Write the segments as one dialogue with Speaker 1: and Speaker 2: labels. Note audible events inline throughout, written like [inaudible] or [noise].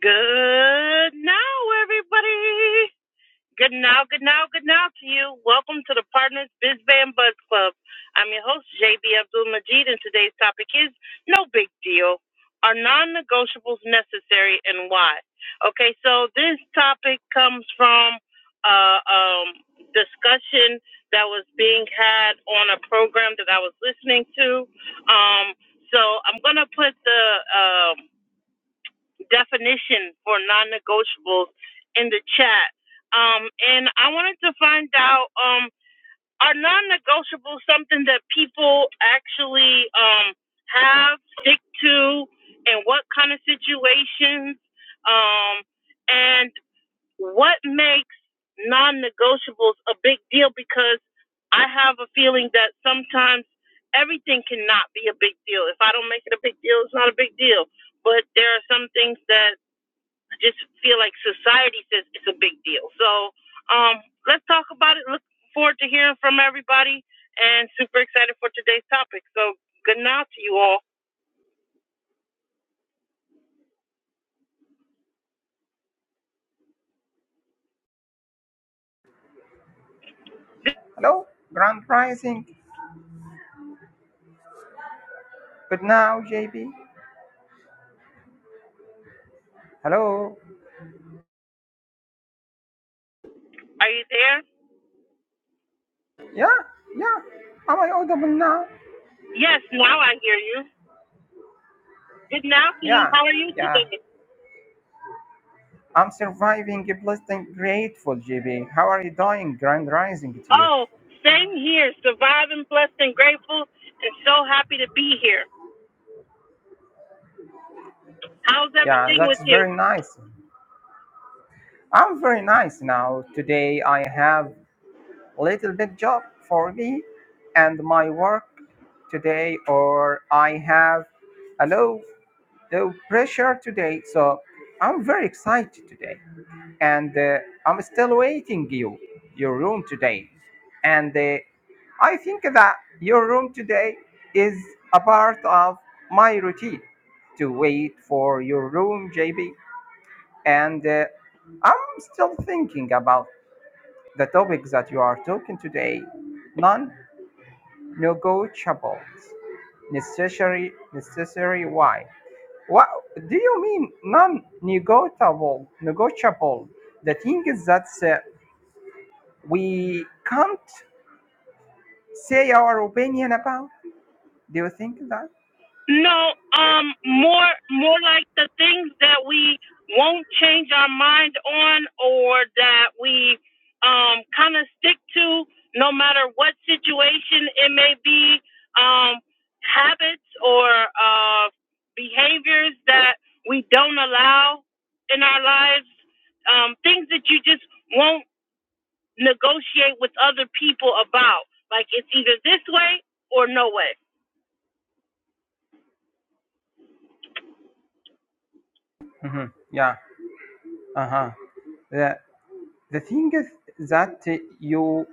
Speaker 1: Good now, everybody. Good now, good now, good now to you. Welcome to the Partners Biz Band Buzz Club. I'm your host, JB Abdul Majid, and today's topic is No Big Deal. Are non negotiables necessary and why? Okay, so this topic comes from uh, um, discussion that was being had on a program that I was listening to. Um, so I'm going to put the. um, definition for non-negotiables in the chat. Um, and I wanted to find out um, are non-negotiables something that people actually um, have stick to, and what kind of situations, um, and what makes non-negotiables a big deal? Because I have a feeling that sometimes everything cannot be a big deal. If I don't make it a big deal, it's not a big deal. But there are some things that just feel like society says it's a big deal. So um, let's talk about it. Look forward to hearing from everybody and super excited for today's topic. So good now to you all.
Speaker 2: Hello, grand rising. Good now, JB. Hello.
Speaker 1: Are you there?
Speaker 2: Yeah, yeah. Am I audible now?
Speaker 1: Yes, now I hear you. Good now to you.
Speaker 2: Yeah,
Speaker 1: How are you
Speaker 2: yeah.
Speaker 1: today?
Speaker 2: I'm surviving, blessed and grateful, JB. How are you doing? Grand rising to you.
Speaker 1: Oh, same here. Surviving, blessed, and grateful, and so happy to be here. How's
Speaker 2: Yeah,
Speaker 1: everything with
Speaker 2: that's
Speaker 1: you?
Speaker 2: very nice. I'm very nice now. Today I have a little bit job for me and my work today, or I have a low, low pressure today. So I'm very excited today. and uh, I'm still waiting you your room today. And uh, I think that your room today is a part of my routine to wait for your room, JB. And uh, I'm still thinking about the topics that you are talking today. Non-negotiables, necessary, necessary. Why? What do you mean non-negotiable? Negotiable. The thing is that uh, we can't say our opinion about. Do you think that?
Speaker 1: No, um, more more like the things that we won't change our mind on, or that we um kind of stick to, no matter what situation it may be. Um, habits or uh behaviors that we don't allow in our lives. Um, things that you just won't negotiate with other people about. Like it's either this way or no way.
Speaker 2: hmm Yeah. Uh huh. The the thing is that uh, you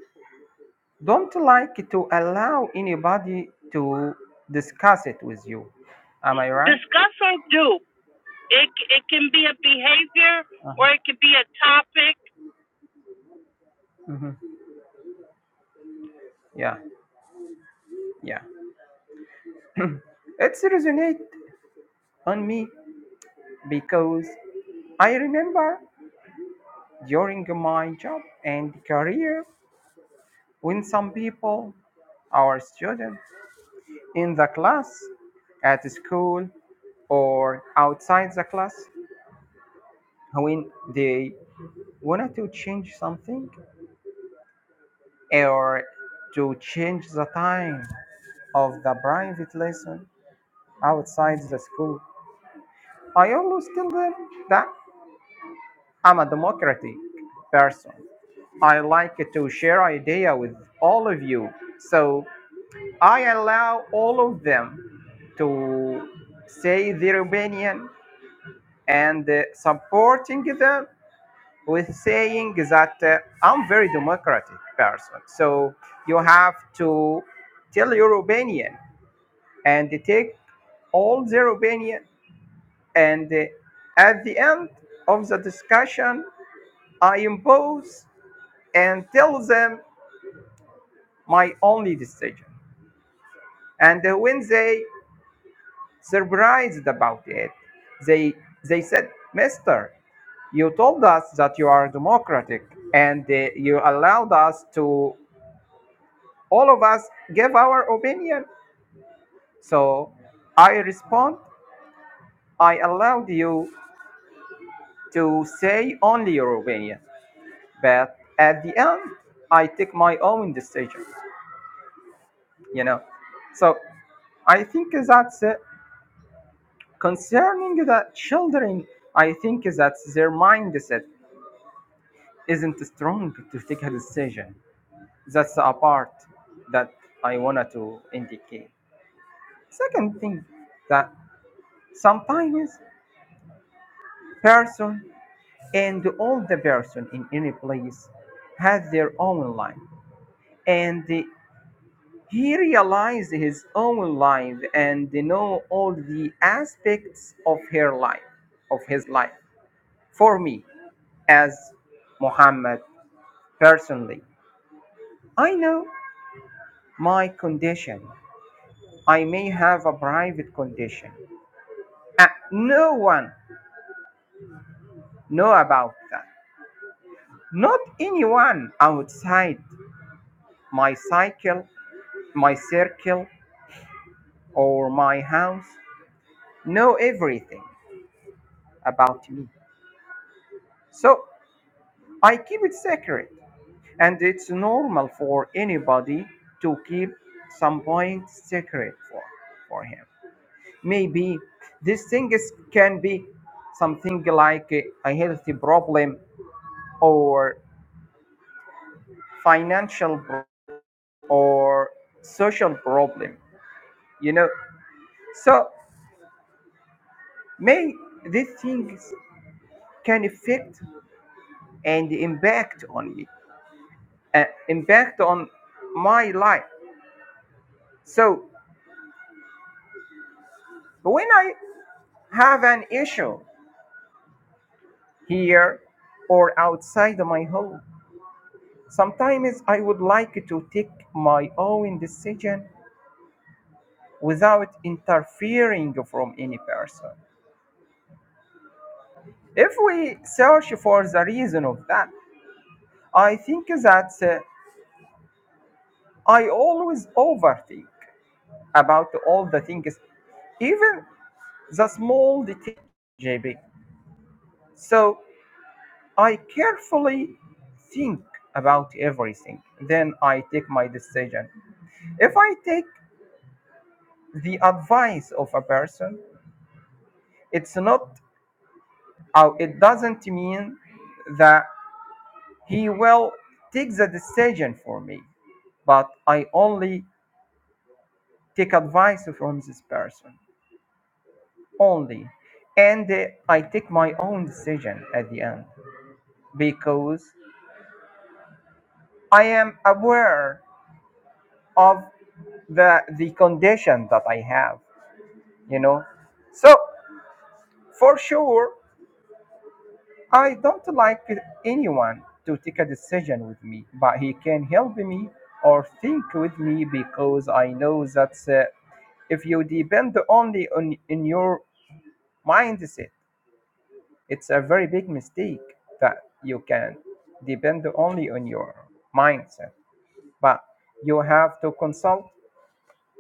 Speaker 2: don't like to allow anybody to discuss it with you. Am I right?
Speaker 1: Discuss or do, It it can be a behavior or
Speaker 2: Uh-huh.
Speaker 1: it could be a topic.
Speaker 2: hmm Yeah. Yeah. It's resonate on me because I remember during my job and career when some people, our students in the class, at school, or outside the class, when they wanted to change something or to change the time of the private lesson outside the school. I always tell them that I'm a democratic person. I like to share idea with all of you. So I allow all of them to say their opinion and uh, supporting them with saying that uh, I'm very democratic person. So you have to tell your opinion and take all their opinion. And uh, at the end of the discussion, I impose and tell them my only decision. And uh, when they Surprised about it, they, they said, Mister, you told us that you are democratic and uh, you allowed us to all of us give our opinion so i respond i allowed you to say only your opinion but at the end i take my own decision you know so i think that uh, concerning the children i think that their mindset isn't strong to take a decision. That's a part that I wanted to indicate. Second thing that sometimes person and all the person in any place has their own life and he realized his own life and they know all the aspects of her life of his life for me as muhammad personally i know my condition I may have a private condition. and no one know about that. Not anyone outside my cycle, my circle, or my house know everything about me. So I keep it secret, and it's normal for anybody to keep some point secret for, for him. Maybe these things can be something like a, a healthy problem or financial pro- or social problem you know so may these things can affect and impact on me uh, impact on my life so when i have an issue here or outside my home sometimes i would like to take my own decision without interfering from any person if we search for the reason of that I think that uh, I always overthink about all the things, even the small detail, JB. So I carefully think about everything. Then I take my decision. If I take the advice of a person, it's not, uh, it doesn't mean that he will take the decision for me, but I only take advice from this person. only. And uh, I take my own decision at the end because I am aware of the, the condition that I have, you know. So, for sure, I don't like anyone to take a decision with me, but he can help me or think with me because I know that uh, if you depend only on in your mindset It's a very big mistake that you can depend only on your mindset, but you have to consult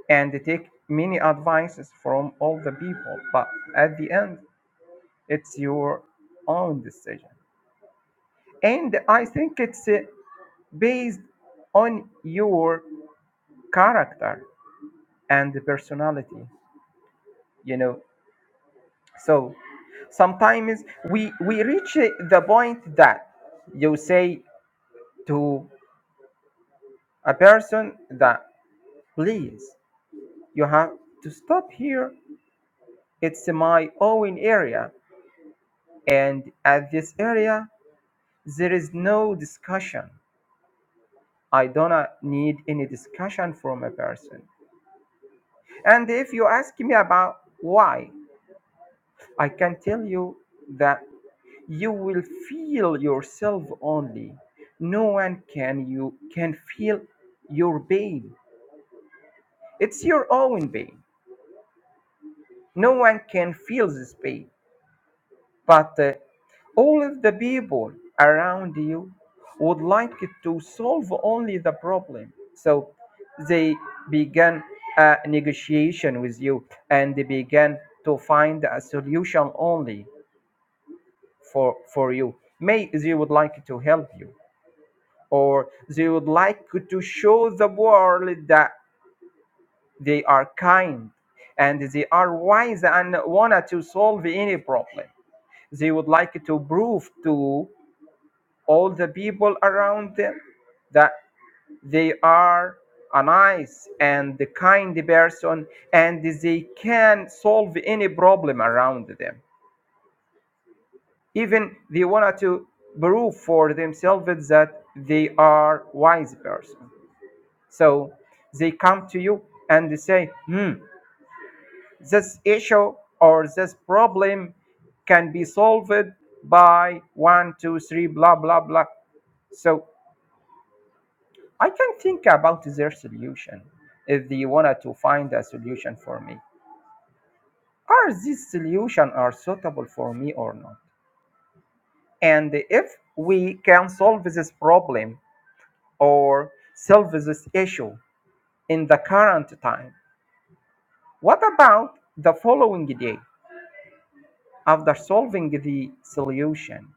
Speaker 2: and take many advices from all the people. But at the end, it's your own decision. And I think it's uh, based on your character and personality, you know. So sometimes we we reach uh, the point that you say to A person that please, you have to stop here. It's my own area, and at this area, there is no discussion. I don't need any discussion from a person. And if you ask me about why, I can tell you that you will feel yourself only. No one can you can feel your pain. It's your own pain. No one can feel this pain. But uh, all of the people around you would like to solve only the problem. So they began a negotiation with you and they began to find a solution only for, for you. May they would like to help you, or they would like to show the world that they are kind and they are wise and want to solve any problem they would like to prove to all the people around them that they are a nice and kind person and they can solve any problem around them even they wanted to prove for themselves that they are wise person so they come to you and they say hmm this issue or this problem can be solved by one two three blah blah blah so I can think about their solution if they wanted to find a solution for me. Are these solutions are suitable for me or not? And if we can solve this problem or solve this issue in the current time, what about the following day after solving the solution?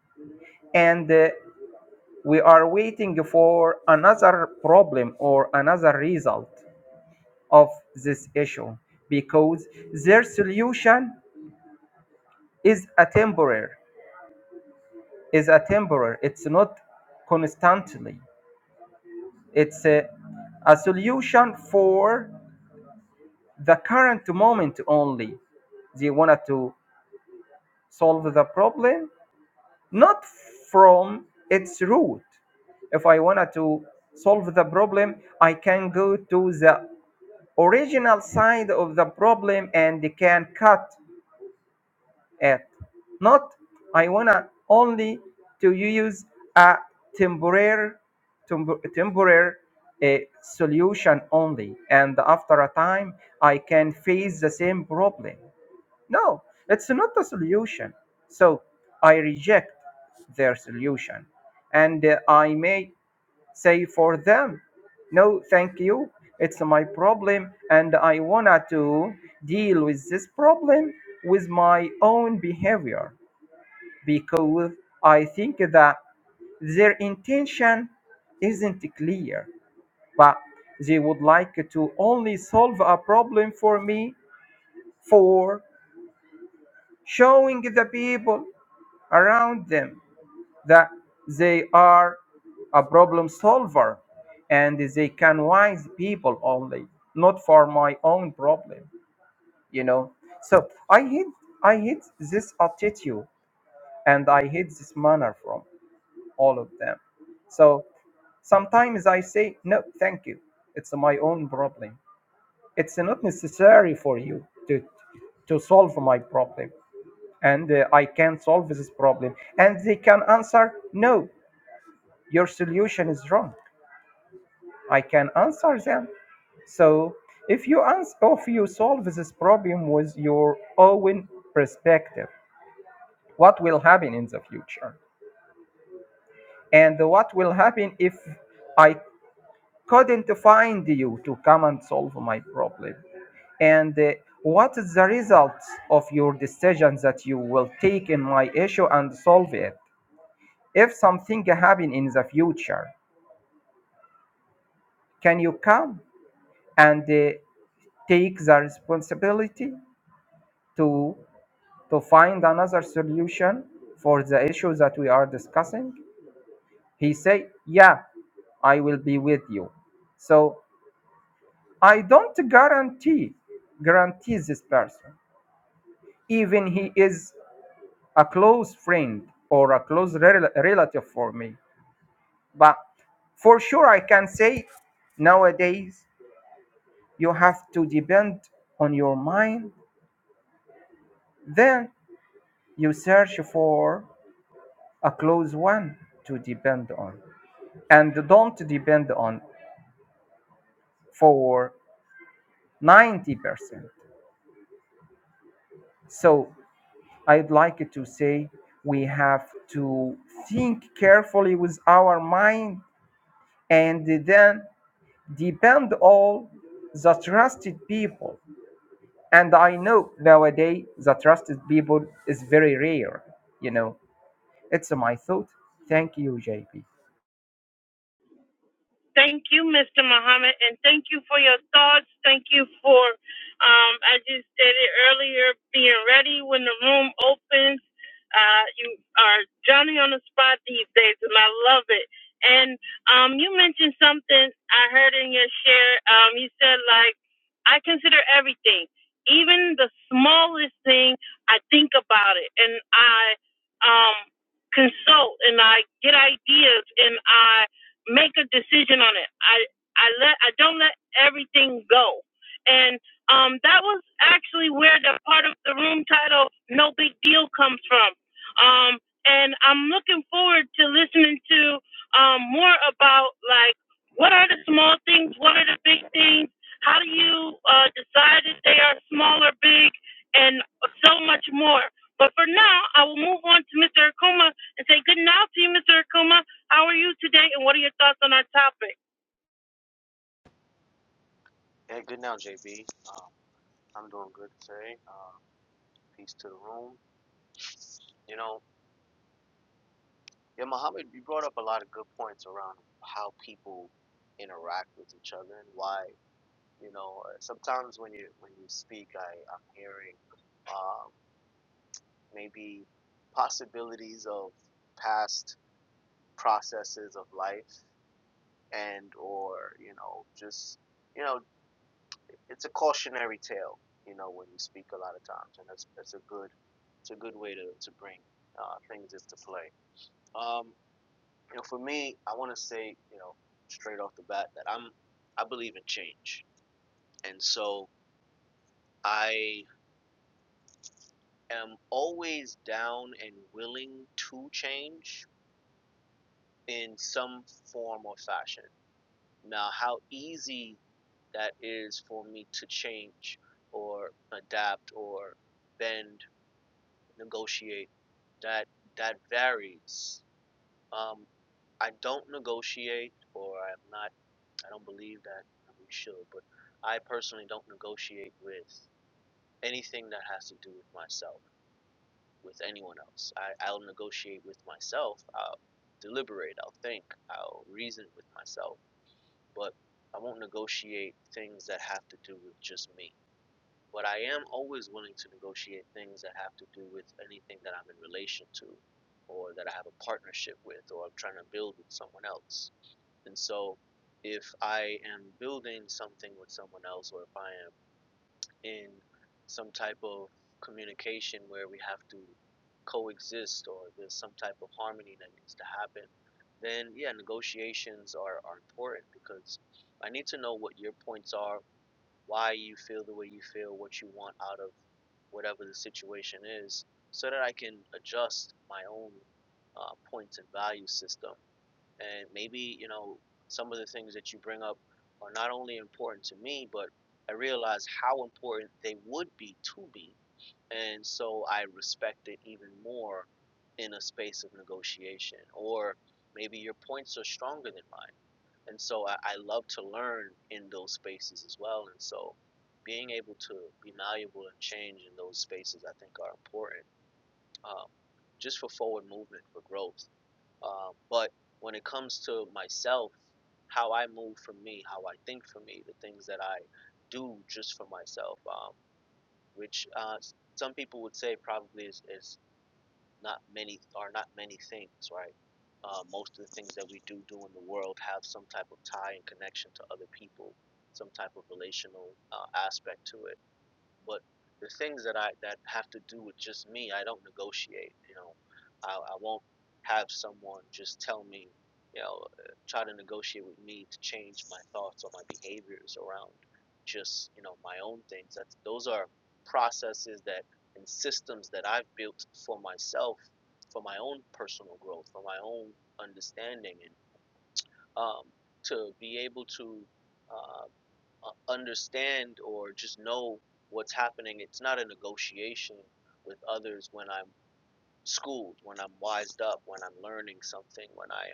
Speaker 2: And uh, we are waiting for another problem or another result of this issue because their solution is a temporary is a temporary it's not constantly it's a, a solution for the current moment only they wanted to solve the problem not from its root if i wanted to solve the problem i can go to the original side of the problem and can cut it. Not I wanna only to use a temporary temp- temporary uh, solution only, and after a time I can face the same problem. No, it's not a solution. So I reject their solution, and uh, I may say for them, no, thank you. It's my problem, and I wanna to deal with this problem with my own behavior because I think that their intention isn't clear, but they would like to only solve a problem for me for showing the people around them that they are a problem solver and they can wise people only not for my own problem you know so i hate i hate this attitude and i hate this manner from all of them so sometimes i say no thank you it's my own problem it's not necessary for you to to solve my problem and uh, i can solve this problem and they can answer no your solution is wrong I can answer them. So if you ans- if you solve this problem with your own perspective, what will happen in the future? And what will happen if I couldn't find you to come and solve my problem? And uh, what is the result of your decision that you will take in my issue and solve it? If something happen in the future, can you come and uh, take the responsibility to to find another solution for the issue that we are discussing? He say, yeah, I will be with you. So I don't guarantee, guarantee this person, even he is a close friend or a close rel- relative for me. But for sure, I can say nowadays you have to depend on your mind. Then you search for a close one to depend on. and don't depend on for 90%. So I'd like to say we have to think carefully with our mind and then depend on the trusted people. And I know nowadays the trusted people is very rare, you know. It's my thought. Thank you, JP.
Speaker 1: Thank you, Mr. Muhammad, and thank you for your thoughts. Thank you for, um, as you stated earlier, being ready when the room opens. Uh, you are Johnny on the spot these days, and I love it. And um, you mentioned something I heard in your share. Um, you said, like, I consider everything, even the smallest thing, I think about it, and I um, consult, and I get ideas, and I make a decision on it. I I let I don't let everything go. And um that was actually where the part of the room title No Big Deal comes from. Um and I'm looking forward to listening to um more about like what are the small things, what are the big things, how do you uh decide if they are small or big and so much more. But for now, I will move on to Mr. Akuma and say good night to you, Mr. Akuma. How are you today, and what are your thoughts on our topic?
Speaker 3: Yeah, good now, JB. Um, I'm doing good today. Um, peace to the room. You know, yeah, Muhammad, you brought up a lot of good points around how people interact with each other and why. You know, uh, sometimes when you when you speak, I I'm hearing um, maybe possibilities of past processes of life and or you know just you know it's a cautionary tale, you know, when you speak a lot of times, and that's that's a good it's a good way to to bring uh, things into play. Um, you know, for me, I want to say, you know, straight off the bat that I'm I believe in change, and so I am always down and willing to change in some form or fashion. Now, how easy that is for me to change or adapt or bend negotiate. That that varies. Um, I don't negotiate, or I'm not. I don't believe that we should. But I personally don't negotiate with anything that has to do with myself, with anyone else. I, I'll negotiate with myself. I'll deliberate. I'll think. I'll reason with myself. But I won't negotiate things that have to do with just me. But I am always willing to negotiate things that have to do with anything that I'm in relation to or that I have a partnership with or I'm trying to build with someone else. And so if I am building something with someone else or if I am in some type of communication where we have to coexist or there's some type of harmony that needs to happen, then yeah, negotiations are, are important because I need to know what your points are, why you feel the way you feel, what you want out of whatever the situation is, so that I can adjust my own uh, points and value system. And maybe, you know, some of the things that you bring up are not only important to me, but I realize how important they would be to me. And so I respect it even more in a space of negotiation. Or maybe your points are stronger than mine and so I, I love to learn in those spaces as well and so being able to be malleable and change in those spaces i think are important um, just for forward movement for growth um, but when it comes to myself how i move for me how i think for me the things that i do just for myself um, which uh, some people would say probably is, is not many are not many things, right? Uh, most of the things that we do do in the world have some type of tie and connection to other people, some type of relational uh, aspect to it but the things that I that have to do with just me, I don't negotiate. You know, I, I won't have someone just tell me, you know, uh, try to negotiate with me to change my thoughts or my behaviors around just you know my own things. That's those are processes that and systems that I've built for myself, for my own personal growth, for my own understanding, and um, to be able to. Uh, uh, understand or just know what's happening. It's not a negotiation with others when I'm schooled, when I'm wised up, when I'm learning something, when I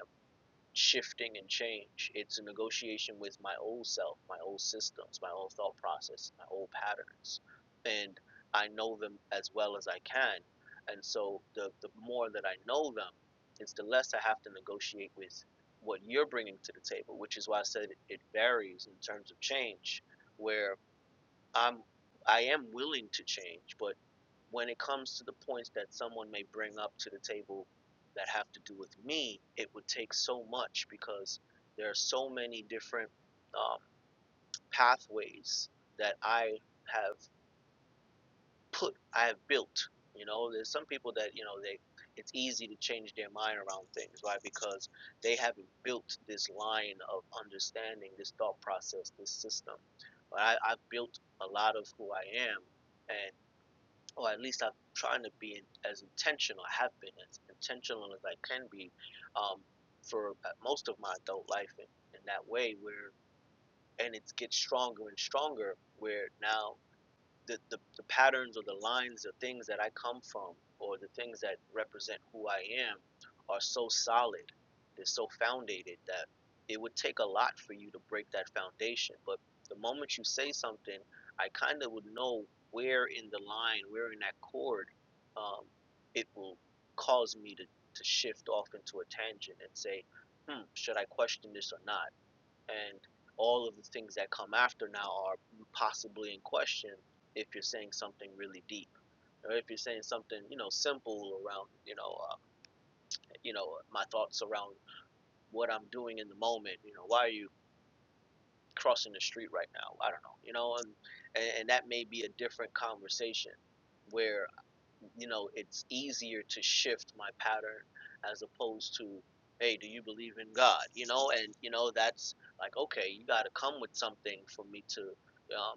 Speaker 3: shifting and change. It's a negotiation with my old self, my old systems, my old thought process, my old patterns. And I know them as well as I can. And so the, the more that I know them, it's the less I have to negotiate with what you're bringing to the table, which is why I said it, it varies in terms of change, where I'm I am willing to change, but when it comes to the points that someone may bring up to the table that have to do with me, it would take so much because there are so many different um, pathways that I have put, I have built. You know, there's some people that you know they, it's easy to change their mind around things, right? Because they haven't built this line of understanding, this thought process, this system. But I, I've built a lot of who I am, and or at least I'm trying to be as intentional. I have been as intentional as I can be um, for uh, most of my adult life in, in that way. Where and it gets stronger and stronger. Where now the, the, the patterns or the lines or things that I come from or the things that represent who I am are so solid, they're so foundated that it would take a lot for you to break that foundation. But the moment you say something, I kind of would know where in the line, where in that chord, um, it will cause me to, to shift off into a tangent and say, hmm, should I question this or not? and all of the things that come after now are possibly in question if you're saying something really deep or if you're saying something you know simple around you know uh, you know my thoughts around what i'm doing in the moment you know why are you crossing the street right now i don't know you know and and, and that may be a different conversation where you know, it's easier to shift my pattern as opposed to, hey, do you believe in God? You know, and you know that's like, okay, you got to come with something for me to um,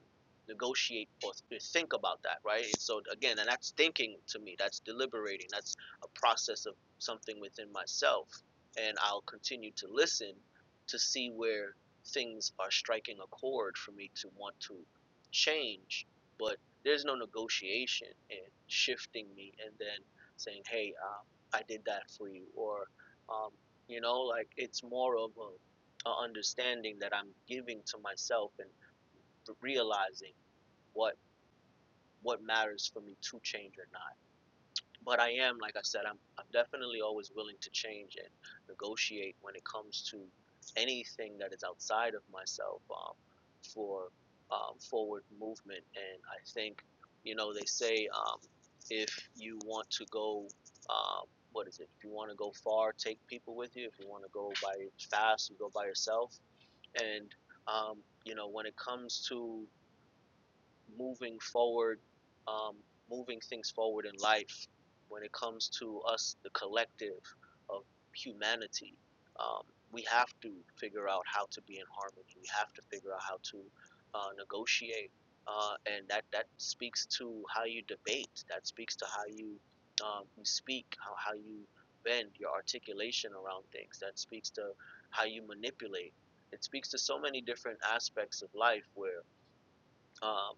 Speaker 3: negotiate or think about that, right? And so again, and that's thinking to me. That's deliberating. That's a process of something within myself, and I'll continue to listen to see where things are striking a chord for me to want to change but there's no negotiation in shifting me and then saying, hey, um, I did that for you. Or, um, you know, like it's more of a, a understanding that I'm giving to myself and realizing what what matters for me to change or not but I am, like I said, I'm I'm definitely always willing to change and negotiate when it comes to anything that is outside of myself um, for um, forward movement. And I think, you know, they say um, if you want to go, um, what is it? If you want to go far, take people with you. If you want to go by fast, you go by yourself. And um, you know, when it comes to moving forward, um, moving things forward in life when it comes to us, the collective of humanity. Um, we have to figure out how to be in harmony. We have to figure out how to uh, negotiate. Uh, and that, that speaks to how you debate, that speaks to how you, um, you speak, how, how you bend your articulation around things, that speaks to how you manipulate. It speaks to so many different aspects of life where um,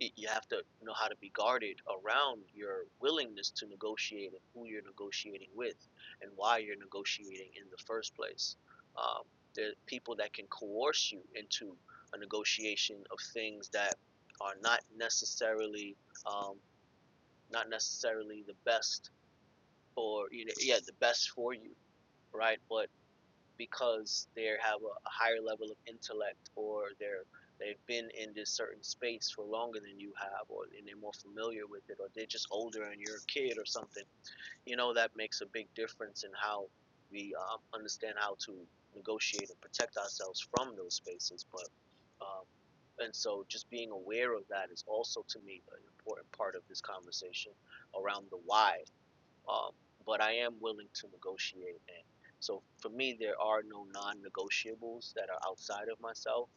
Speaker 3: it, you have to know how to be guarded around your willingness to negotiate and who you're negotiating with and why you're negotiating in the first place. Um, there are people that can coerce you into a negotiation of things that are not necessarily um, not necessarily the best for you know, yeah the best for you right but because they have a higher level of intellect or they're they've been in this certain space for longer than you have or and they're more familiar with it or they're just older and you're a kid or something you know that makes a big difference in how we um, understand how to negotiate and protect ourselves from those spaces but um, and so just being aware of that is also to me an important part of this conversation around the why um, but I am willing to negotiate. And so for me, there are no non-negotiables that are outside of myself.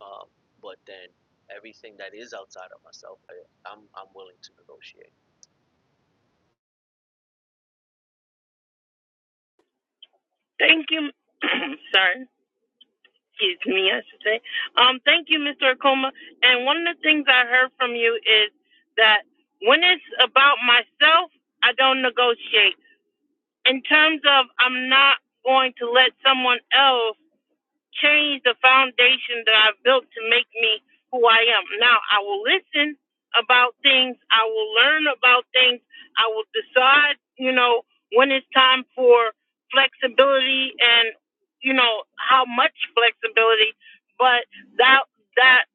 Speaker 3: Um, but then everything that is outside of myself, I, I'm I'm willing to negotiate.
Speaker 1: Thank you. [clears throat] Sorry, excuse me, I should say. Um, thank you, Mr. Akoma. And one of the things I heard from you is that when it's about myself, I don't negotiate. In terms of, I'm not going to let someone else change the foundation that I've built to make me who I am. Now I will listen about things, I will learn about things, I will decide, you know, when it's time for flexibility and you know how much flexibility, but that that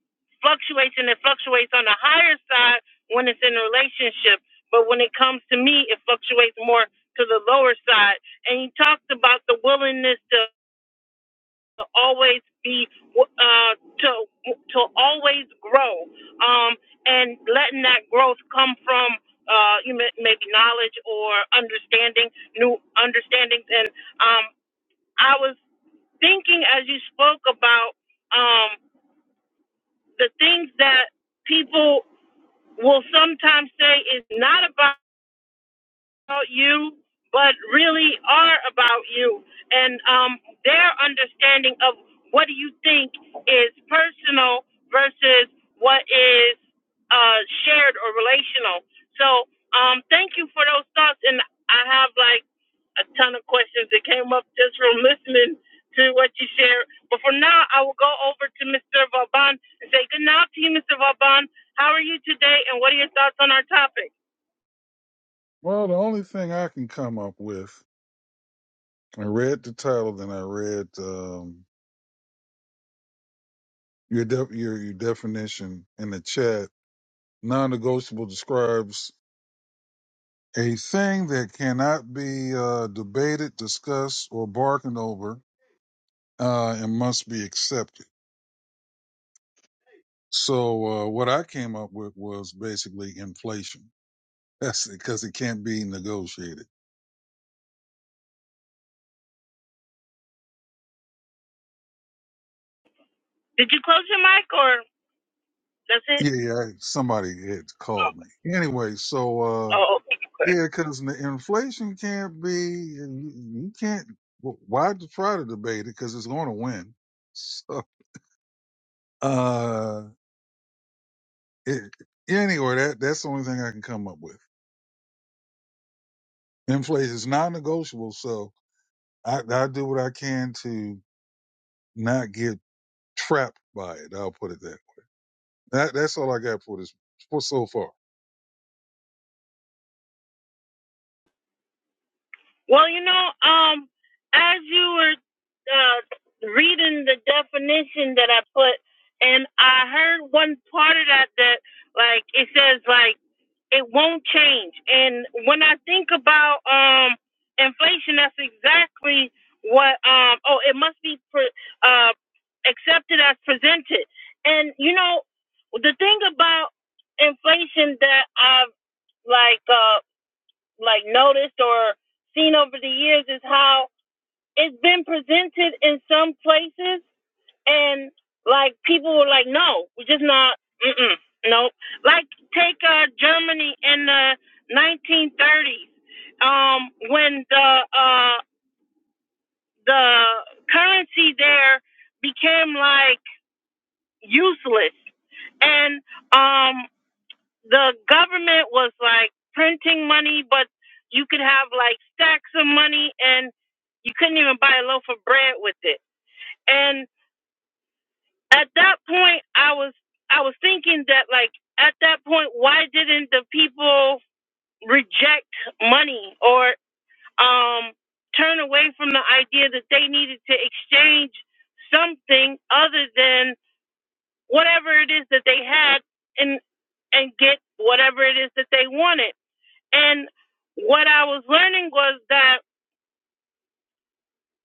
Speaker 1: fluctuation it fluctuates on the higher side when it's in a relationship, but when it comes to me it fluctuates more to the lower side. And he talked about the willingness to to always be uh, to to always grow um, and letting that growth come from uh, you may, maybe knowledge or understanding new understandings and um, I was thinking as you spoke about um, the things that people will sometimes say is not about about you, but really are about you. And um, their understanding of what do you think is personal versus what is uh, shared or relational. So um, thank you for those thoughts. And I have like a ton of questions that came up just from listening to what you shared. But for now, I will go over to Mr. Vauban and say good night to you, Mr. Vauban. How are you today, and what are your thoughts on our topic?
Speaker 4: Well, the only thing I can come up with, I read the title, then I read um, your, de- your your definition in the chat. Non-negotiable describes a thing that cannot be uh, debated, discussed, or bargained over, uh, and must be accepted. So, uh, what I came up with was basically inflation. That's because it can't be negotiated.
Speaker 1: Did you close your mic or? That's it.
Speaker 4: Yeah, yeah. I- Somebody had called me anyway. So. Uh,
Speaker 1: Oh, okay.
Speaker 4: Yeah, because the inflation can't be, you, you can't, wh- why d- try to debate it? Because it's going to win. [laughs] So, uh, it, anyway, that, that's the only thing I can come up with. Inflation is non negotiable. So I, I do what I can to not get trapped by it. I'll put it that way. That, that's all I got for this, for so far.
Speaker 1: Well, you know, um, as you were uh, reading the definition that I put, and I heard one part of that that, like, it says, like, it won't change. And when I think about um, inflation, that's exactly what, um, oh, it must be pre- uh, accepted as presented. And, you know, the thing about inflation that I've, like, uh, like noticed or seen over the years is how it's been presented in some places and like people were like, no, we're just not, mm-mm, no. Like take uh, Germany in the 1930s um, when the uh, the currency there became like useless, and um, the government was like printing money, but you could have like stacks of money and you couldn't even buy a loaf of bread with it. And at that point, I was I was thinking that like at that point, why didn't the people reject money or um, turn away from the idea that they needed to exchange something other than whatever it is that they had and and get whatever it is that they wanted? And what I was learning was that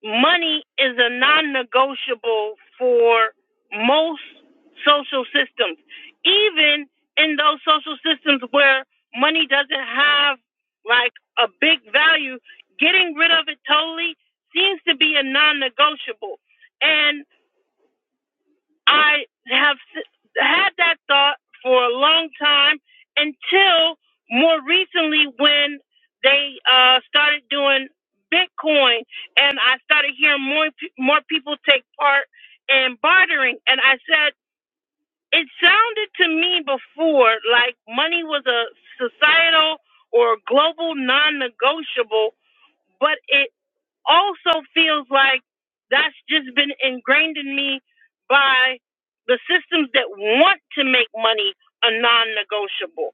Speaker 1: money is a non negotiable for most social systems, even in those social systems where money doesn't have like a big value, getting rid of it totally seems to be a non negotiable. And I have had that thought for a long time until more recently when they uh, started doing Bitcoin and I started hearing more more people take part in bartering. And I said it sounded to me before like money was a societal or global non-negotiable, but it also feels like that's just been ingrained in me by the systems that want to make money a non negotiable.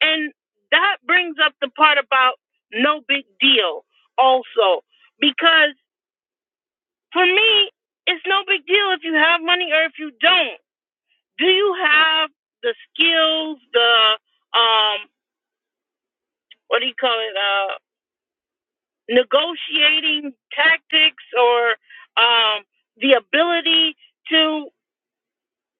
Speaker 1: And that brings up the part about no big deal also, because for me, it's no big deal if you have money or if you don't. Do you have the skills, the, um, what do you call it? uh, negotiating tactics or um, the ability to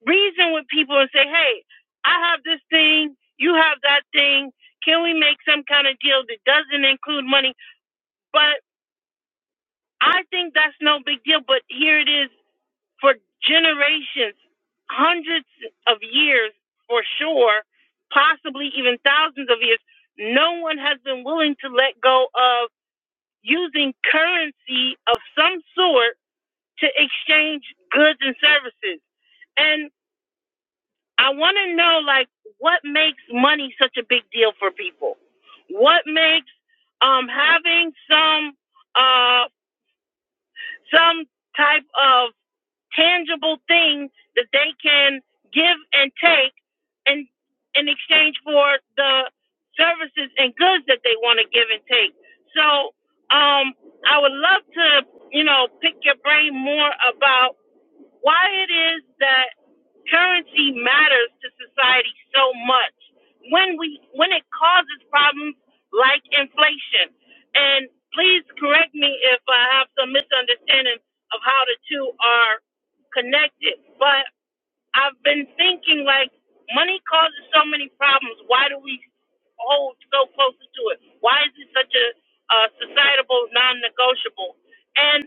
Speaker 1: reason with people and say, hey, I have this thing, you have that thing. Can we make some kind of deal that doesn't include money? But I think that's no big deal. But here it is for generations, hundreds of years for sure, possibly even thousands of years. No one has been willing to let go of using currency of some sort to exchange goods and services. And I want to know, like, what makes money such a big deal for people? What makes um, having some uh, some type of tangible thing that they can give and take and in exchange for the services and goods that they want to give and take. So um, I would love to, you know, pick your brain more about why it is that currency matters to society so much when we when it causes problems like inflation. And please correct me if I have some misunderstanding of how the two are connected. But I've been thinking like money causes so many problems. Why do we hold so close to it? Why is it such a, uh societal non-negotiable? And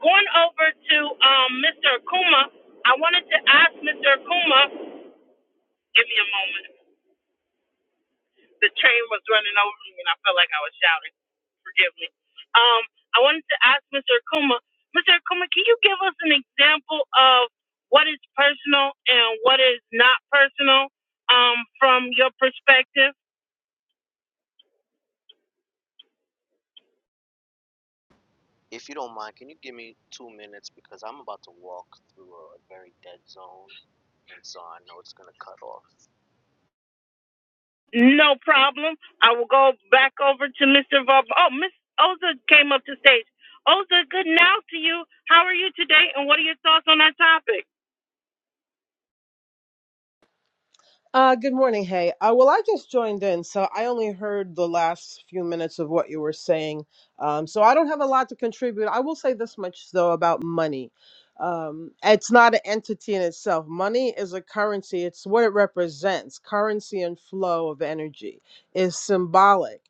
Speaker 1: going over to um, Mr. Akuma, I wanted to ask Mr. Akuma. Give me a moment the train was running over me and I felt like I was shouting. Forgive me. Um, I wanted to ask Mr. Akuma, Mr. Akuma, can you give us an example of what is personal and what is not personal um, from your perspective?
Speaker 3: If you don't mind, can you give me two minutes because I'm about to walk through a, very dead zone, and so I know it's gonna cut off.
Speaker 1: No problem. I will go back over to Mr. Vub. Oh, Miss Oza came up to stage. Oza, good now to you. How are you today and what are your thoughts on our topic?
Speaker 5: Uh, good morning. Hey, uh, well, I just joined in, so I only heard the last few minutes of what you were saying. Um, so I don't have a lot to contribute. I will say this much, though, about money. Um, it's not an entity in itself. Money is a currency, it's what it represents. Currency and flow of energy is symbolic.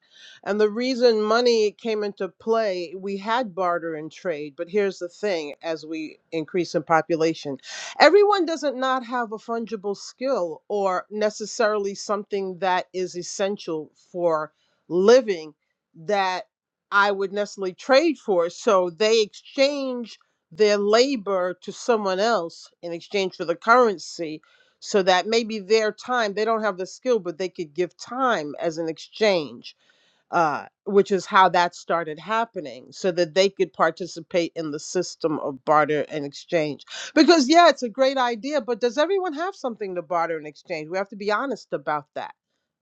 Speaker 5: And the reason money came into play, we had barter and trade, but here's the thing as we increase in population, everyone doesn't not have a fungible skill or necessarily something that is essential for living that I would necessarily trade for. So they exchange their labor to someone else in exchange for the currency so that maybe their time they don't have the skill but they could give time as an exchange uh, which is how that started happening so that they could participate in the system of barter and exchange. Because, yeah, it's a great idea, but does everyone have something to barter and exchange? We have to be honest about that.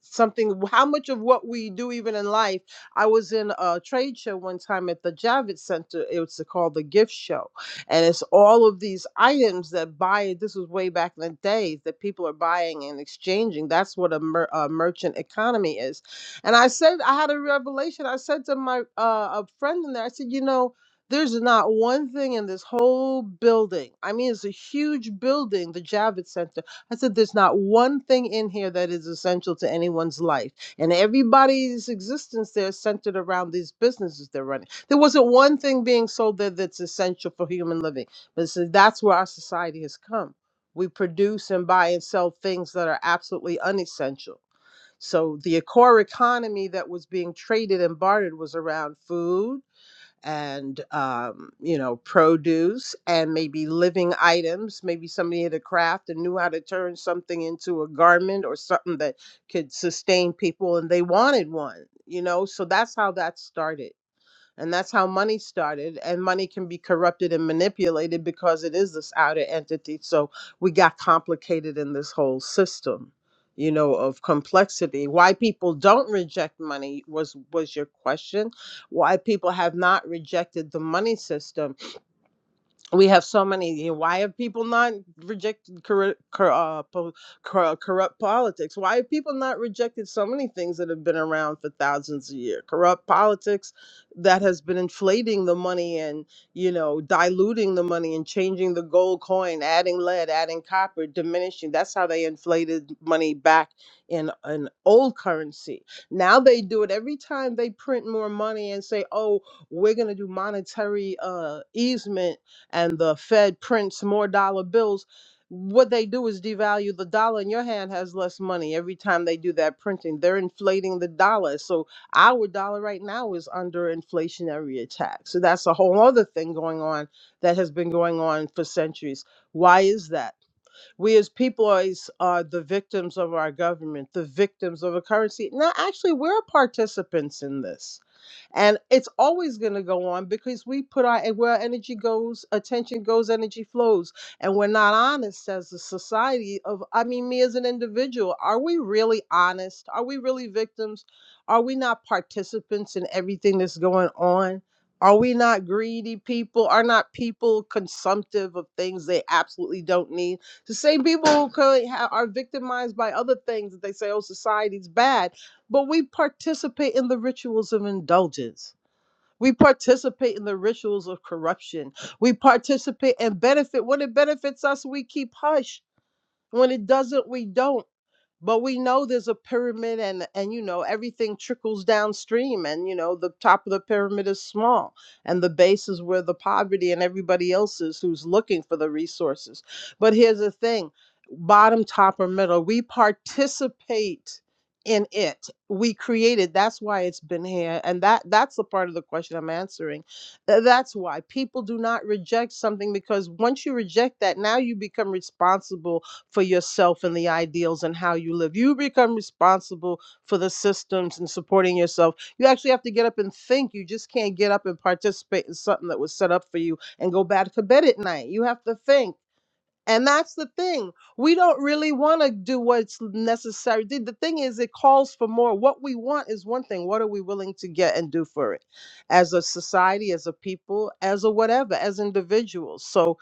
Speaker 5: Something, how much of what we do, even in life. I was in a trade show one time at the Javits Center. It was called the Gift Show. And it's all of these items that buy, this was way back in the days, that people are buying and exchanging. That's what a, mer- a merchant economy is and I said, I had a revelation. I said to my uh, a friend in there, I said, you know, there's not one thing in this whole building. I mean, it's a huge building, the Javits Center. I said, there's not one thing in here that is essential to anyone's life. And everybody's existence there is centered around these businesses they're running. There wasn't one thing being sold there that's essential for human living. But so that's where our society has come. We produce and buy and sell things that are absolutely unessential so the core economy that was being traded and bartered was around food and um, you know produce and maybe living items. Maybe somebody had a craft and knew how to turn something into a garment or something that could sustain people, and they wanted one. You know, so that's how that started. And that's how money started. And money can be corrupted and manipulated because it is this outer entity. So we got complicated in this whole system, you know, of complexity. Why people don't reject money was was your question. Why people have not rejected the money system we have so many you know, why have people not rejected corru- cor- uh, po- cor- corrupt politics why have people not rejected so many things that have been around for thousands of years corrupt politics that has been inflating the money and you know diluting the money and changing the gold coin adding lead adding copper diminishing that's how they inflated money back in an old currency now they do it every time they print more money and say oh we're going to do monetary uh, easement and the Fed prints more dollar bills, what they do is devalue the dollar, and your hand has less money every time they do that printing. They're inflating the dollar. So our dollar right now is under inflationary attack. So that's a whole other thing going on that has been going on for centuries. Why is that? We as people always are the victims of our government, the victims of a currency. Now, actually, we're participants in this. And it's always going to go on because we put our, and where energy goes, attention goes, energy flows. And we're not honest as a society of, I mean, me as an individual. Are we really honest? Are we really victims? Are we not participants in everything that's going on? Are we not greedy people? Are not people consumptive of things they absolutely don't need? The same people who are victimized by other things that they say, oh, society's bad, but we participate in the rituals of indulgence. We participate in the rituals of corruption. We participate and benefit. When it benefits us, we keep hush. When it doesn't, we don't but we know there's a pyramid and and you know everything trickles downstream and you know the top of the pyramid is small and the base is where the poverty and everybody else is who's looking for the resources but here's the thing bottom top or middle we participate in it we created that's why it's been here and that that's the part of the question i'm answering Th- that's why people do not reject something because once you reject that now you become responsible for yourself and the ideals and how you live. You become responsible for the systems and supporting yourself. You actually have to get up and think. You just can't get up and participate in something that was set up for you and go back to bed at night. You have to think. And that's the thing. We don't really want to do what's necessary. The the thing is, it calls for more. What we want is one thing. What are we willing to get and do for it as a society, as a people, as a whatever, as individuals? So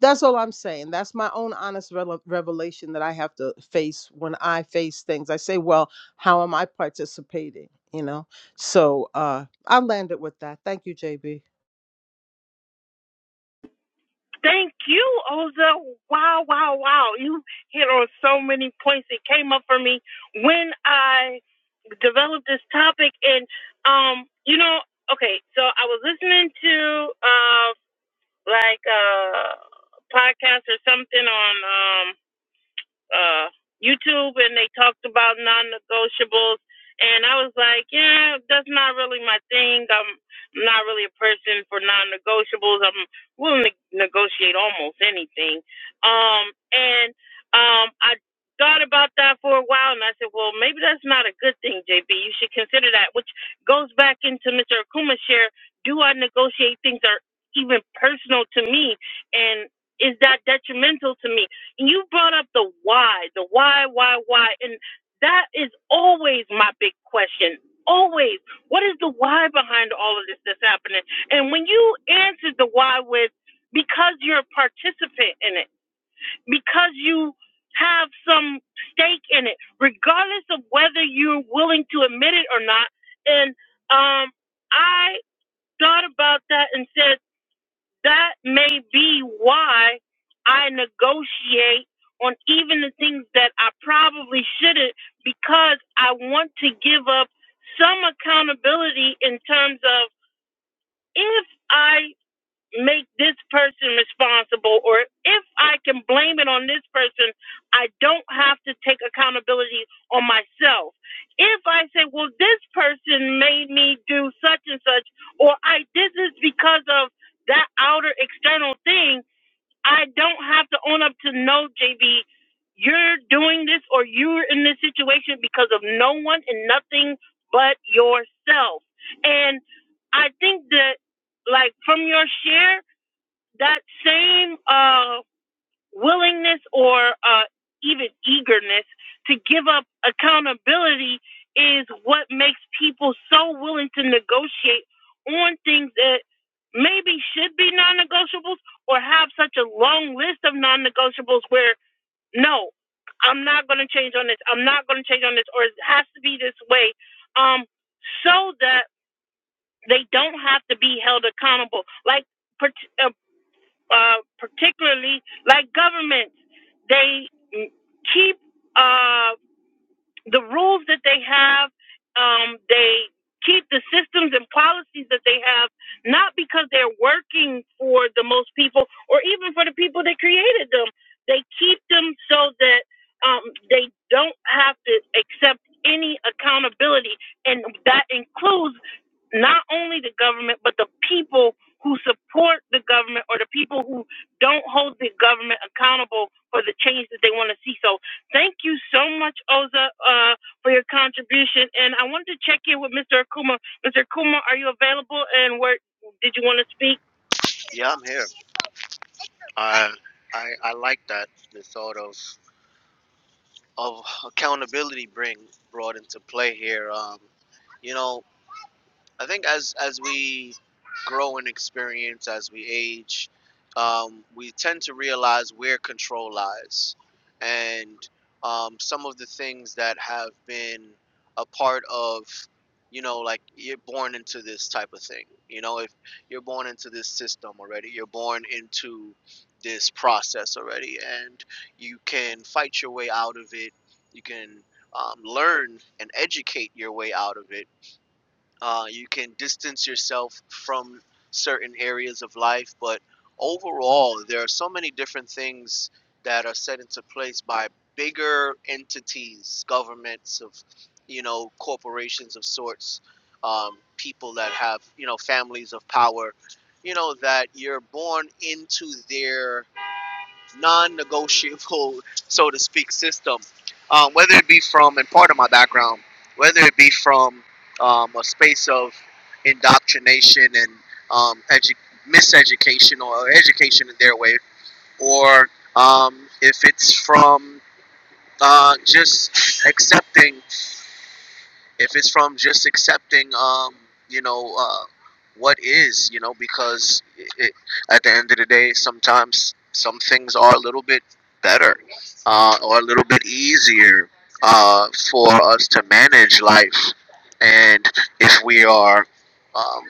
Speaker 5: that's all I'm saying. That's my own honest rele- revelation that I have to face when I face things. I say, well, how am I participating? You know? So uh, I'll land it with that. Thank you, JB.
Speaker 1: Thank you, Oza. Wow, wow, wow. You hit on so many points. It came up for me when I developed this topic and um, you know, okay, so I was listening to uh like uh podcast or something on um uh, YouTube and they talked about non-negotiables. And I was like, yeah, that's not really my thing. I'm not really a person for non-negotiables. I'm willing to negotiate almost anything. Um, and um, I thought about that for a while, and I said, well, maybe that's not a good thing, JB. You should consider that, which goes back into Mr. Akuma's share. Do I negotiate things that are even personal to me? And is that detrimental to me? you brought up the why, the why, why, why, and that is always my big question. Always, what is the why behind all of this that's happening? And when you answered the why with because you're a participant in it, because you have some stake in it, regardless of whether you're willing to admit it or not, and um, I thought about that and said that may be why I negotiate on even the things that I probably shouldn't because I want to give up some accountability in terms of if I make this person responsible or if I can blame it on this person, I don't have to take accountability on myself. If I say, well, this person made me do such and such, or I did this because of that outer external thing, I don't have to own up to no, JB, you're doing this or you're in this situation because of no one and nothing but yourself. And I think that, like, from your share, that same uh, willingness or uh, even eagerness to give up accountability is what makes people so willing to negotiate on things that maybe should be non negotiables or have such a long list of non negotiables where, no, I'm not going to change on this, I'm not going to change on this, or it has to be this way, um, so that they don't have to be held accountable. Like, per- uh, uh, particularly like governments, they mm, keep. Uh, the rules that they have. Um, they keep the systems and policies that they have, not because they're working for the most people or even for the people that created them. They keep them so that um, they don't have to accept any accountability. And that includes not only the government, but the people who support the government or the people who don't hold the government accountable for the change that they want to see. So Thank you so much, Oza, uh, for your contribution. And I wanted to check in with Mr. Akuma. Mr. Akuma, are you available? And where did you want to speak?
Speaker 3: Yeah, I'm here. I I, I like that the thought of of accountability bring brought into play here. Um, you know, I think as as we grow in experience, as we age, um, we tend to realize where control lies, and um, some of the things that have been a part of, you know, like you're born into this type of thing. You know, if you're born into this system already, you're born into this process already, and you can fight your way out of it. You can um, learn and educate your way out of it uh, you can distance yourself from certain areas of life, but overall, there are so many different things that are set into place by bigger entities, governments of, you know, corporations of sorts, um, people that have, you know, families of power, you know, that you're born into their non-negotiable, so to speak, system. Um, whether it be from, and part of my background, whether it be from um, a space of indoctrination and um, edu- miseducation or education in their way, or um, if it's from uh, just accepting if it's from just accepting um you know uh what is you know because it, it, at the end of the day sometimes some things are a little bit better uh or a little bit easier uh for us to manage life and if we are um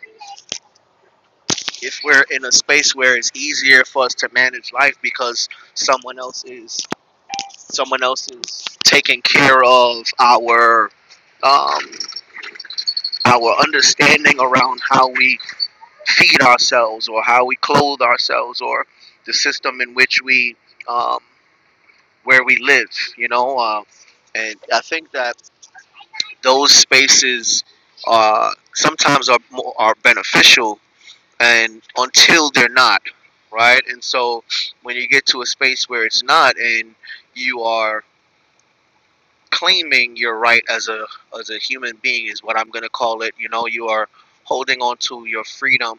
Speaker 3: if we're in a space where it's easier for us to manage life because someone else is someone else is taking care of our um our understanding around how we feed ourselves or how we clothe ourselves or the system in which we um, where we live you know uh, and i think that those spaces uh, sometimes are more, are beneficial and until they're not right and so when you get to a space where it's not and you are claiming your right as a as a human being is what I'm going to call it. You know, you are holding on to your freedom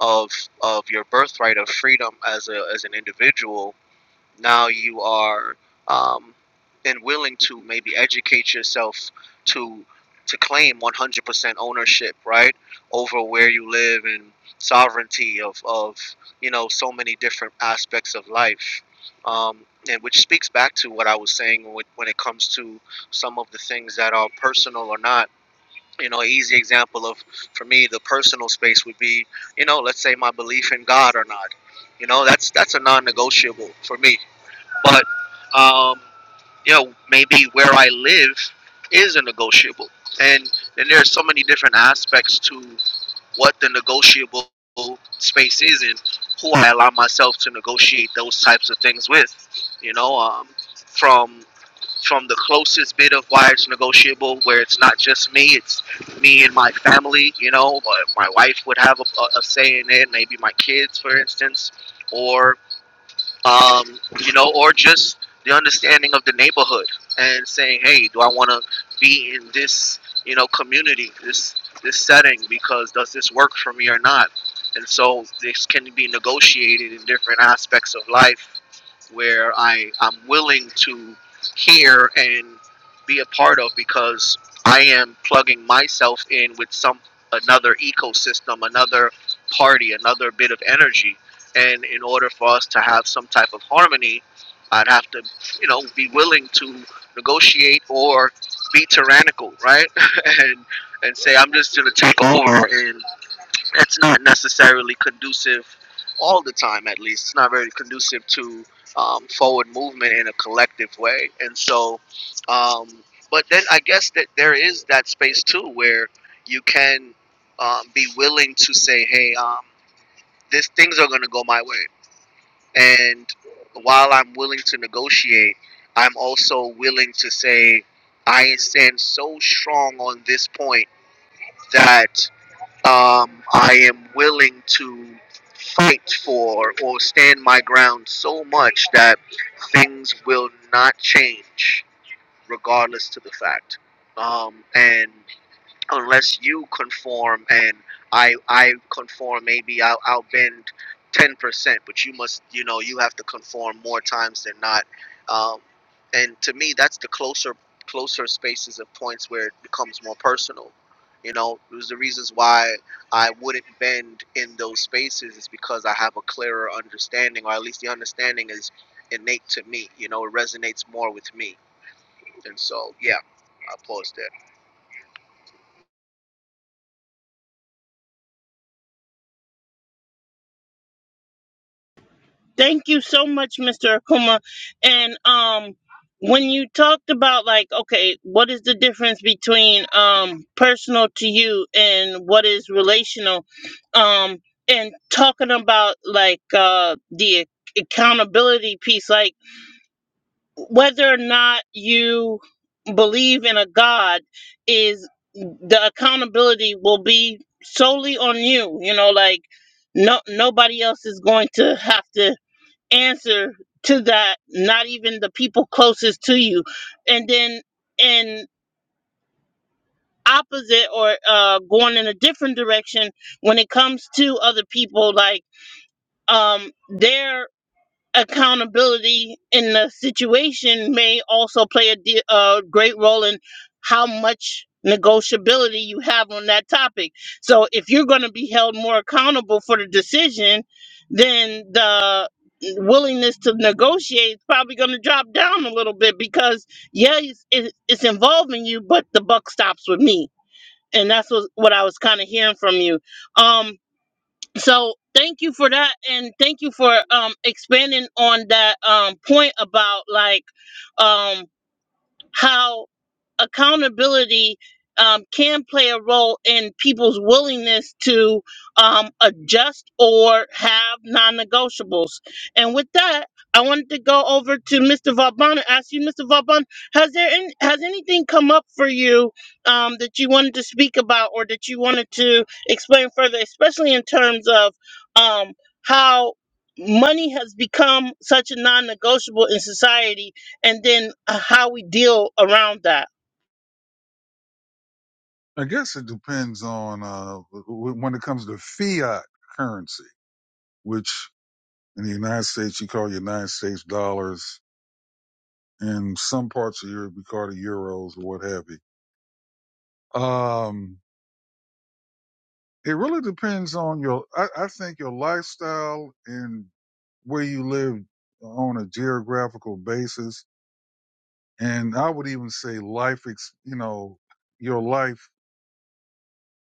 Speaker 3: of of your birthright of freedom as a as an individual now you are um, and willing to maybe educate yourself to to claim 100% ownership right over where you live and sovereignty of, of you know so many different aspects of life um, and which speaks back to what i was saying when, when it comes to some of the things that are personal or not you know an easy example of for me the personal space would be you know let's say my belief in god or not you know that's that's a non-negotiable for me but um, you know, maybe where I live is a negotiable, and and there are so many different aspects to what the negotiable space is and who I allow myself to negotiate those types of things with. You know, um, from from the closest bit of why it's negotiable, where it's not just me, it's me and my family. You know, uh, my wife would have a, a a say in it, maybe my kids, for instance, or um, you know, or just the understanding of the neighborhood and saying, hey, do I want to be in this, you know, community, this this setting because does this work for me or not? And so this can be negotiated in different aspects of life where I I'm willing to hear and be a part of because I am plugging myself in with some another ecosystem, another party, another bit of energy and in order for us to have some type of harmony, I'd have to, you know, be willing to negotiate or be tyrannical, right? [laughs] and and say I'm just gonna take over, and that's not necessarily conducive all the time. At least it's not very conducive to um, forward movement in a collective way. And so, um, but then I guess that there is that space too where you can um, be willing to say, hey, um, this things are gonna go my way and while I'm willing to negotiate, I'm also willing to say I stand so strong on this point that um, I am willing to fight for or stand my ground so much that things will not change regardless to the fact. Um, and unless you conform and I I conform maybe I'll, I'll bend 10% but you must you know you have to conform more times than not um, and to me that's the closer closer spaces of points where it becomes more personal you know it was the reasons why I wouldn't bend in those spaces is because I have a clearer understanding or at least the understanding is innate to me you know it resonates more with me and so yeah I'll pause there
Speaker 1: Thank you so much, Mr. Akuma. And um, when you talked about like, okay, what is the difference between um personal to you and what is relational? Um, and talking about like uh the accountability piece, like whether or not you believe in a god is the accountability will be solely on you you know like no nobody else is going to have to answer to that not even the people closest to you and then in opposite or uh going in a different direction when it comes to other people like um there. accountability in the situation may also play a, de- a great role in how much negotiability you have on that topic. So if you're going to be held more accountable for the decision, then the willingness to negotiate is probably going to drop down a little bit because yeah, it's, it- it's involving you, but the buck stops with me. And that's what, what I was kind of hearing from you. Um, so thank you for that and thank you for um expanding on that um point about like um how accountability um, can play a role in people's willingness to um, adjust or have non-negotiables. And with that, I wanted to go over to Mr. Vauban and ask you, Mr. Vauban, has there any, has anything come up for you um, that you wanted to speak about or that you wanted to explain further, especially in terms of um, how money has become such a non-negotiable in society, and then uh, how we deal around that.
Speaker 4: I guess it depends on, uh, w- w- when it comes to fiat currency, which in the United States, you call United States dollars In some parts of Europe we call the euros or what have you. Um, it really depends on your, I, I think your lifestyle and where you live on a geographical basis. And I would even say life, ex, you know, your life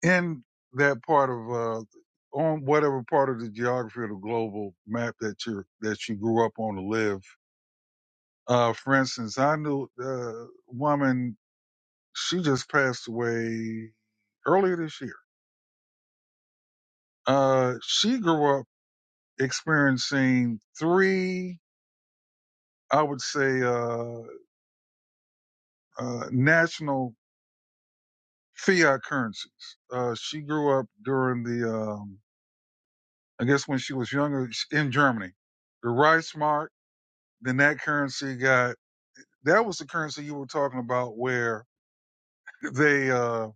Speaker 4: in that part of, uh, on whatever part of the geography of the global map that you're, that you grew up on to live. Uh, for instance, I knew a woman, she just passed away earlier this year Uh, she grew up experiencing three, I would say, uh, uh, national fiat currencies. Uh, she grew up during the, um, I guess when she was younger sh- in Germany, the Reichsmark, then that currency got, that was the currency you were talking about where they, uh,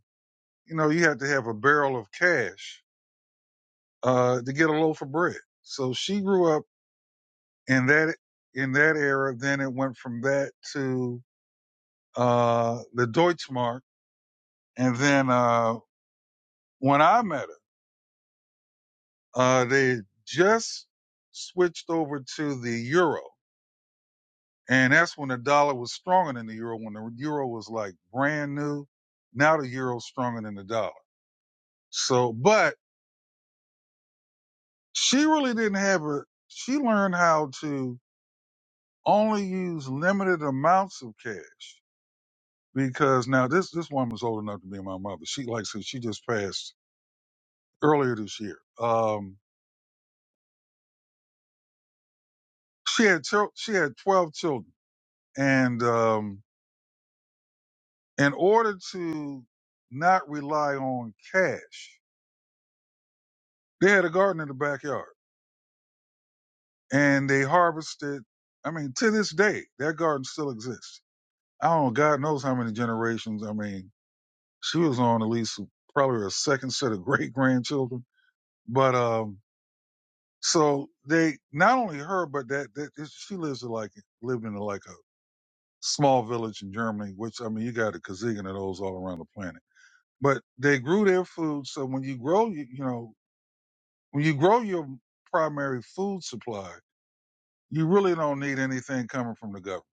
Speaker 4: you know, you had to have a barrel of cash, uh, to get a loaf of bread. So she grew up in that, in that era. Then it went from that to uh, the Deutschmark. And then, uh, when I met her, uh, they just switched over to the euro. And that's when the dollar was stronger than the euro, when the euro was like brand new. Now the euro's stronger than the dollar. So, but she really didn't have a, she learned how to only use limited amounts of cash because now this, this woman's old enough to be my mother. She, like I said, she just passed earlier this year. Um, she had chil- she had 12 children and um in order to not rely on cash they had a garden in the backyard and they harvested i mean to this day that garden still exists i don't know god knows how many generations i mean she was on at least probably a second set of [laughs] great grandchildren but um so they not only her but that, that she lives in like lived in like a small village in germany which i mean you got a gazillion of those all around the planet but they grew their food. So when you grow, you, you know, when you grow your primary food supply, you really don't need anything coming from the government.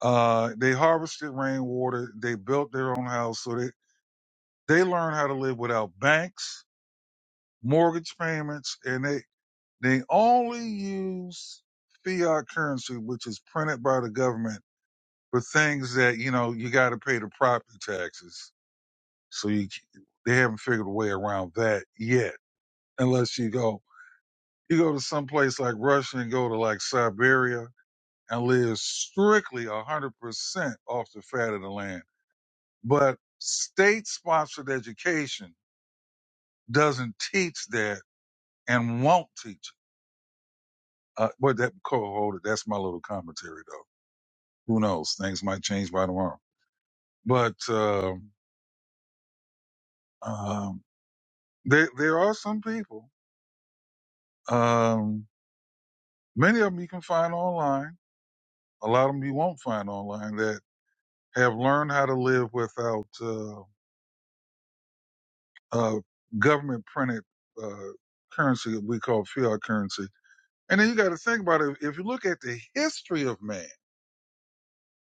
Speaker 4: Uh, they harvested rainwater. They built their own house. So they, they learned how to live without banks, mortgage payments, and they, they only use fiat currency, which is printed by the government for things that, you know, you got to pay the property taxes. So you, they haven't figured a way around that yet, unless you go You go to some place like Russia and go to like Siberia and live strictly 100% off the fat of the land. But state sponsored education doesn't teach that and won't teach it. Uh, but that co-holder, that's my little commentary though. Who knows? Things might change by tomorrow. But, um, um, there, there are some people, um, many of them you can find online. A lot of them you won't find online that have learned how to live without, uh, uh, government printed uh, currency that we call fiat currency. And then you got to think about it. If you look at the history of man,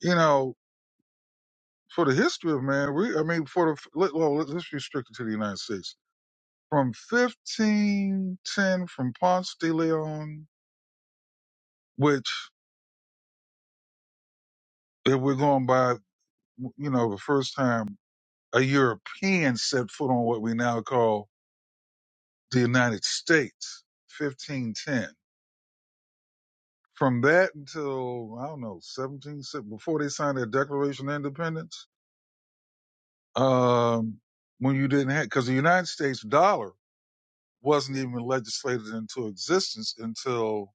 Speaker 4: you know, for the history of man, we, I mean, for the, let, well, let let's restrict it to the United States. From 1510, from Ponce de Leon, which, if we're going by, you know, the first time a European set foot on what we now call the United States, 1510. From that until, I don't know, 17, before they signed their Declaration of Independence, um, when you didn't have, because the United States dollar wasn't even legislated into existence until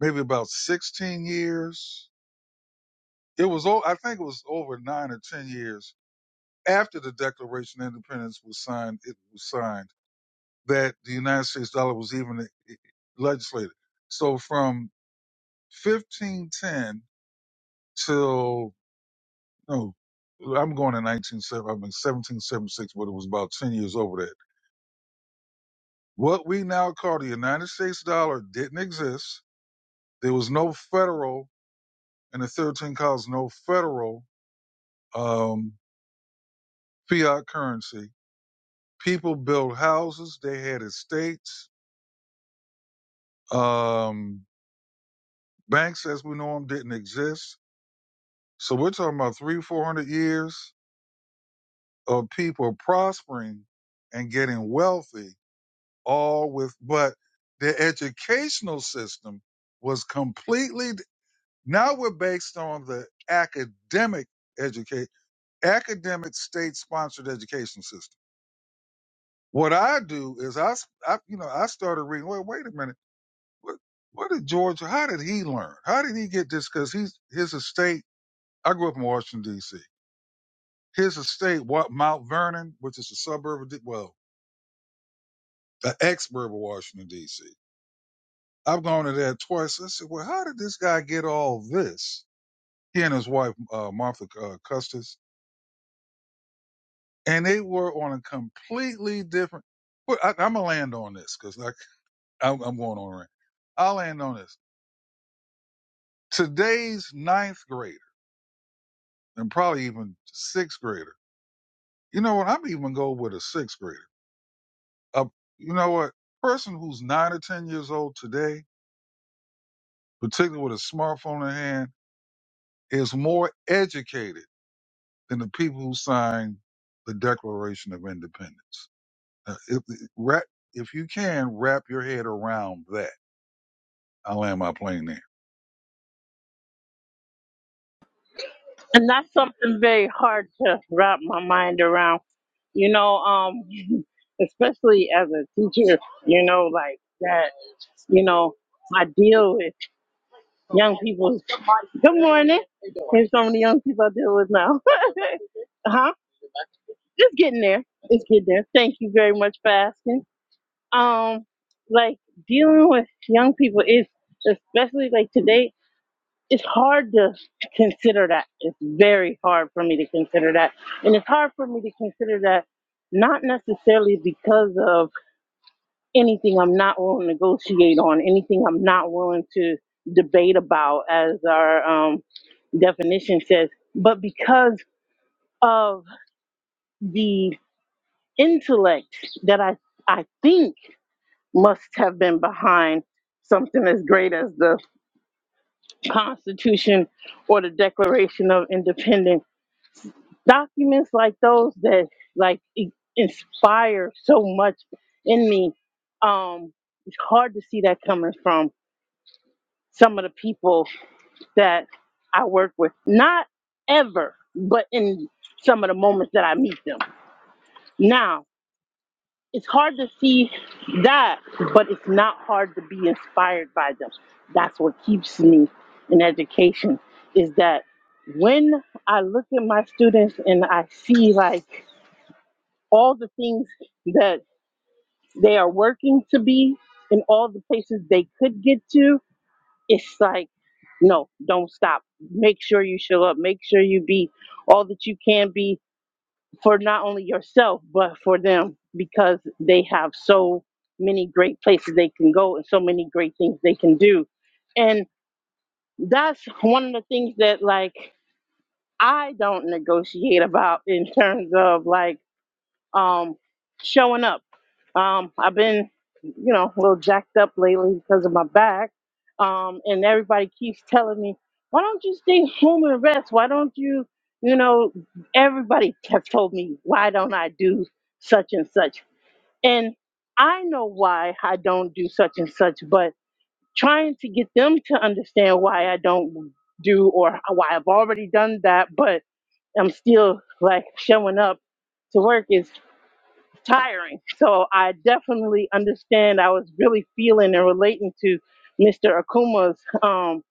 Speaker 4: maybe about 16 years. It was, I think it was over nine or 10 years after the Declaration of Independence was signed, it was signed that the United States dollar was even legislated. So from 1510 till No, I'm going in 1970. I'm in 1776, but it was about 10 years over that. What we now call the United States dollar didn't exist. There was no federal, in the 13 colonies, no federal um, fiat currency. People built houses. They had estates. Um, banks, as we know them, didn't exist. So we're talking about three, 400 years of people prospering and getting wealthy all with, but the educational system was completely, now we're based on the academic educate, academic state sponsored education system. What I do is I, I you know, I started reading, well, wait a minute. What, what did George, how did he learn? How did he get this? Cause he's, his estate, I grew up in Washington DC. His estate, what Mount Vernon, which is a suburb of, well, the ex-suburb of Washington DC I've gone to that twice. I said, well, how did this guy get all this? He and his wife, uh, Martha uh, Custis, and they were on a completely different. Well, I, I'm gonna land on this because like I'm, I'm going on a rant. I'll land on this. Today's ninth grader and probably even sixth grader. You know what? I'm even go with a sixth grader. A, you know what? Person who's nine or ten years old today, particularly with a smartphone in hand, is more educated than the people who signed the Declaration of Independence. Uh, if, wrap, if you can, wrap your head around that. I'll land my plane there.
Speaker 1: And that's something very hard to wrap my mind around. You know, um, especially as a teacher, you know, like that, you know, I deal with young people. Good morning. There's so many young people I deal with now. [laughs] huh? Just getting there. Just getting there. Thank you very much for asking. Um, like dealing with young people is especially like today. it's hard to consider that. It's very hard for me to consider that. And it's hard for me to consider that not necessarily because of anything I'm not willing to negotiate on, anything I'm not willing to debate about, as our um, definition says, but because of the intellect that I, I think must have been behind something as great as the Constitution or the Declaration of Independence documents like those that like i- inspire so much in me um it's hard to see that coming from some of the people that i work with not ever but in some of the moments that i meet them now it's hard to see that but it's not hard to be inspired by them that's what keeps me in education is that when i look at my students and i see like all the things that. they are working to be in all the places they could get to it's like no don't stop make sure you show up make sure you be all that you can be for not only yourself but for them because they have so many great places they can go and so many great things they can do and that's one of the things that like i don't negotiate about in terms of like um, showing up. Um, I've been, you know, a little jacked up lately because of my back. Um, and everybody keeps telling me, why don't you stay home and rest? Why don't you, you know, everybody has told me, why don't I do such and such? And I know why I don't do such and such, but trying to get them to understand why I don't do or why I've already done that, but I'm still like showing up to work is tiring. So I definitely understand. I was really feeling and relating to Mr. Akuma's um,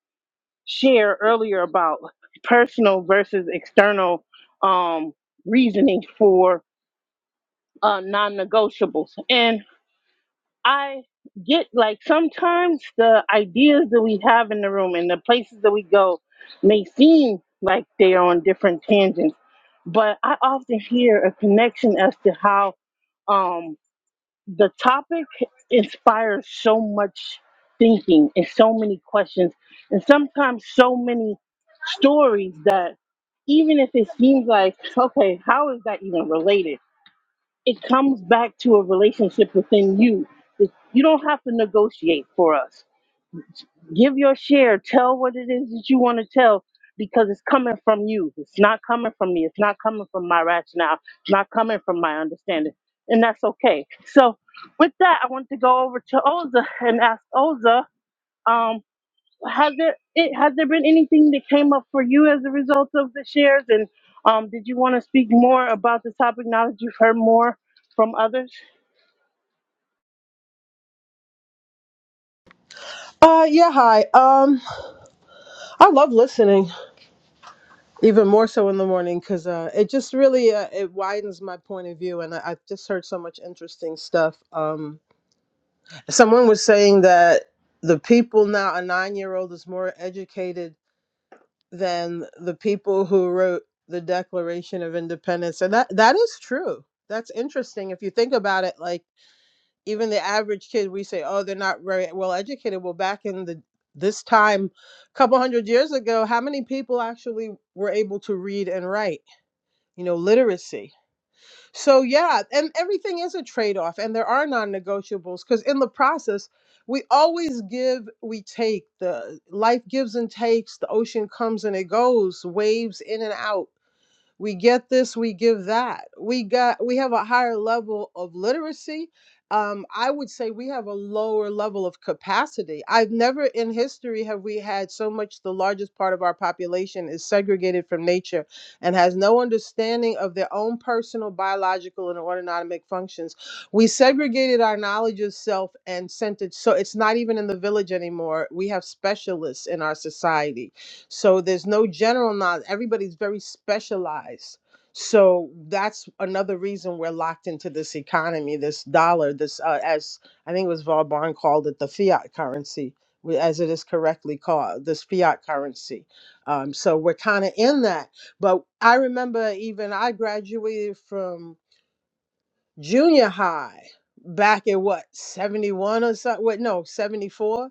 Speaker 1: share earlier about personal versus external um, reasoning for uh, non negotiables. And I get like sometimes the ideas that we have in the room and the places that we go may seem like they are on different tangents, but I often hear a connection as to how. Um, the topic inspires so much thinking and so many questions and sometimes so many stories that even if it seems like okay how is that even related it comes back to a relationship within you that you don't have to negotiate for us Give your share. Tell what it is that you want to tell because it's coming from you. It's not coming from me. It's not coming from my rationale. It's not coming from my understanding. And that's okay. So, with that, I want to go over to Oza and ask Oza, um, has there it, has there been anything that came up for you as a result of the shares? And um, did you want to speak more about the topic now that you've heard more from others?
Speaker 5: Uh, yeah, hi. Um, I love listening. even more so in the morning because uh, it just really uh, it widens my point of view and I, i've just heard so much interesting stuff um, someone was saying that the people now a nine year old is more educated than the people who wrote the declaration of independence and that that is true that's interesting if you think about it like even the average kid we say oh they're not very well educated well back in the this time a couple hundred years ago how many people actually were able to read and write you know, literacy. So yeah, and everything is a trade-off and there are non-negotiables because in the process we always give, we take. The life gives and takes, the ocean comes and it goes, waves in and out we get this we give that we got we have a higher level of literacy um, i would say we have a lower level of capacity i've never in history have we had so much the largest part of our population is segregated from nature and has no understanding of their own personal biological and autonomic functions we segregated our knowledge of self and sent it so it's not even in the village anymore we have specialists in our society so there's no general knowledge. Everybody's very specialized. So that's another reason we're locked into this economy, this dollar, this uh, as I think it was Vauban called it the fiat currency, we- as it is correctly called, this fiat currency. Um, so we're kind of in that. But I remember even I graduated from junior high back in what 71 or something. Wait, no, 74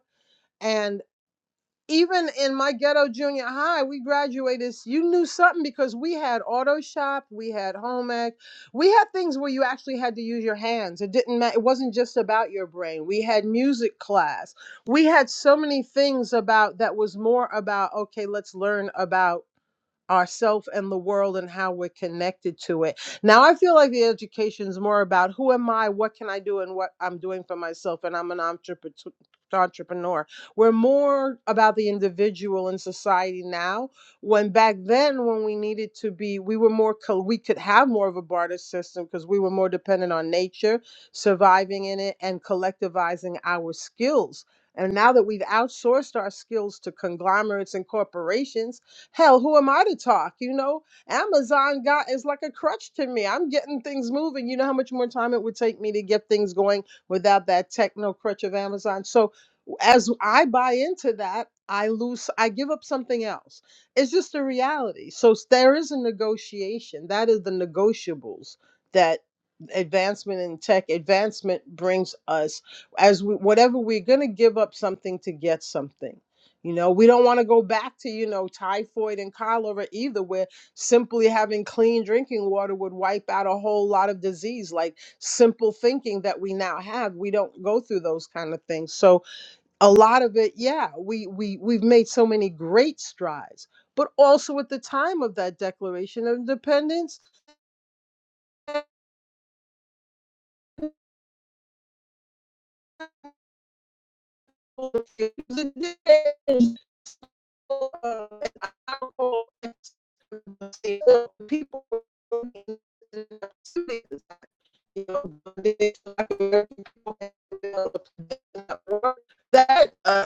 Speaker 5: even in my ghetto junior high, we graduated. s- You knew something because we had auto shop, we had home ec, we had things where you actually had to use your hands. It didn't matter. It wasn't just about your brain. We had music class. We had so many things about that was more about okay, let's learn about ourself and the world and how we're connected to it. Now I feel like the education is more about who am I, what can I do, and what I'm doing for myself, and I'm an entrepreneur. Entrepreneur. We're more about the individual in society now. When back then, when we needed to be, we were more, co- we could have more of a barter system because we were more dependent on nature, surviving in it, and collectivizing our skills. And now that we've outsourced our skills to conglomerates and corporations, Hell, who am I to talk? You know, Amazon got is like a crutch to me. I'm getting things moving. You know how much more time it would take me to get things going without that techno crutch of Amazon. So as I buy into that, I lose, I give up something else. It's just a reality. So s- there is a negotiation. That is the negotiables that advancement in tech advancement brings us as we, whatever we're going to give up something to get something you know, we don't want to go back to, you know, typhoid and cholera either, where simply having clean drinking water would wipe out a whole lot of disease. Like simple thinking that we now have, we don't go through those kind of things. So a lot of it, yeah, we we we've made so many great strides. But also at the time of that Declaration of Independence, [laughs] uh, an honorable people you know, uh, that uh,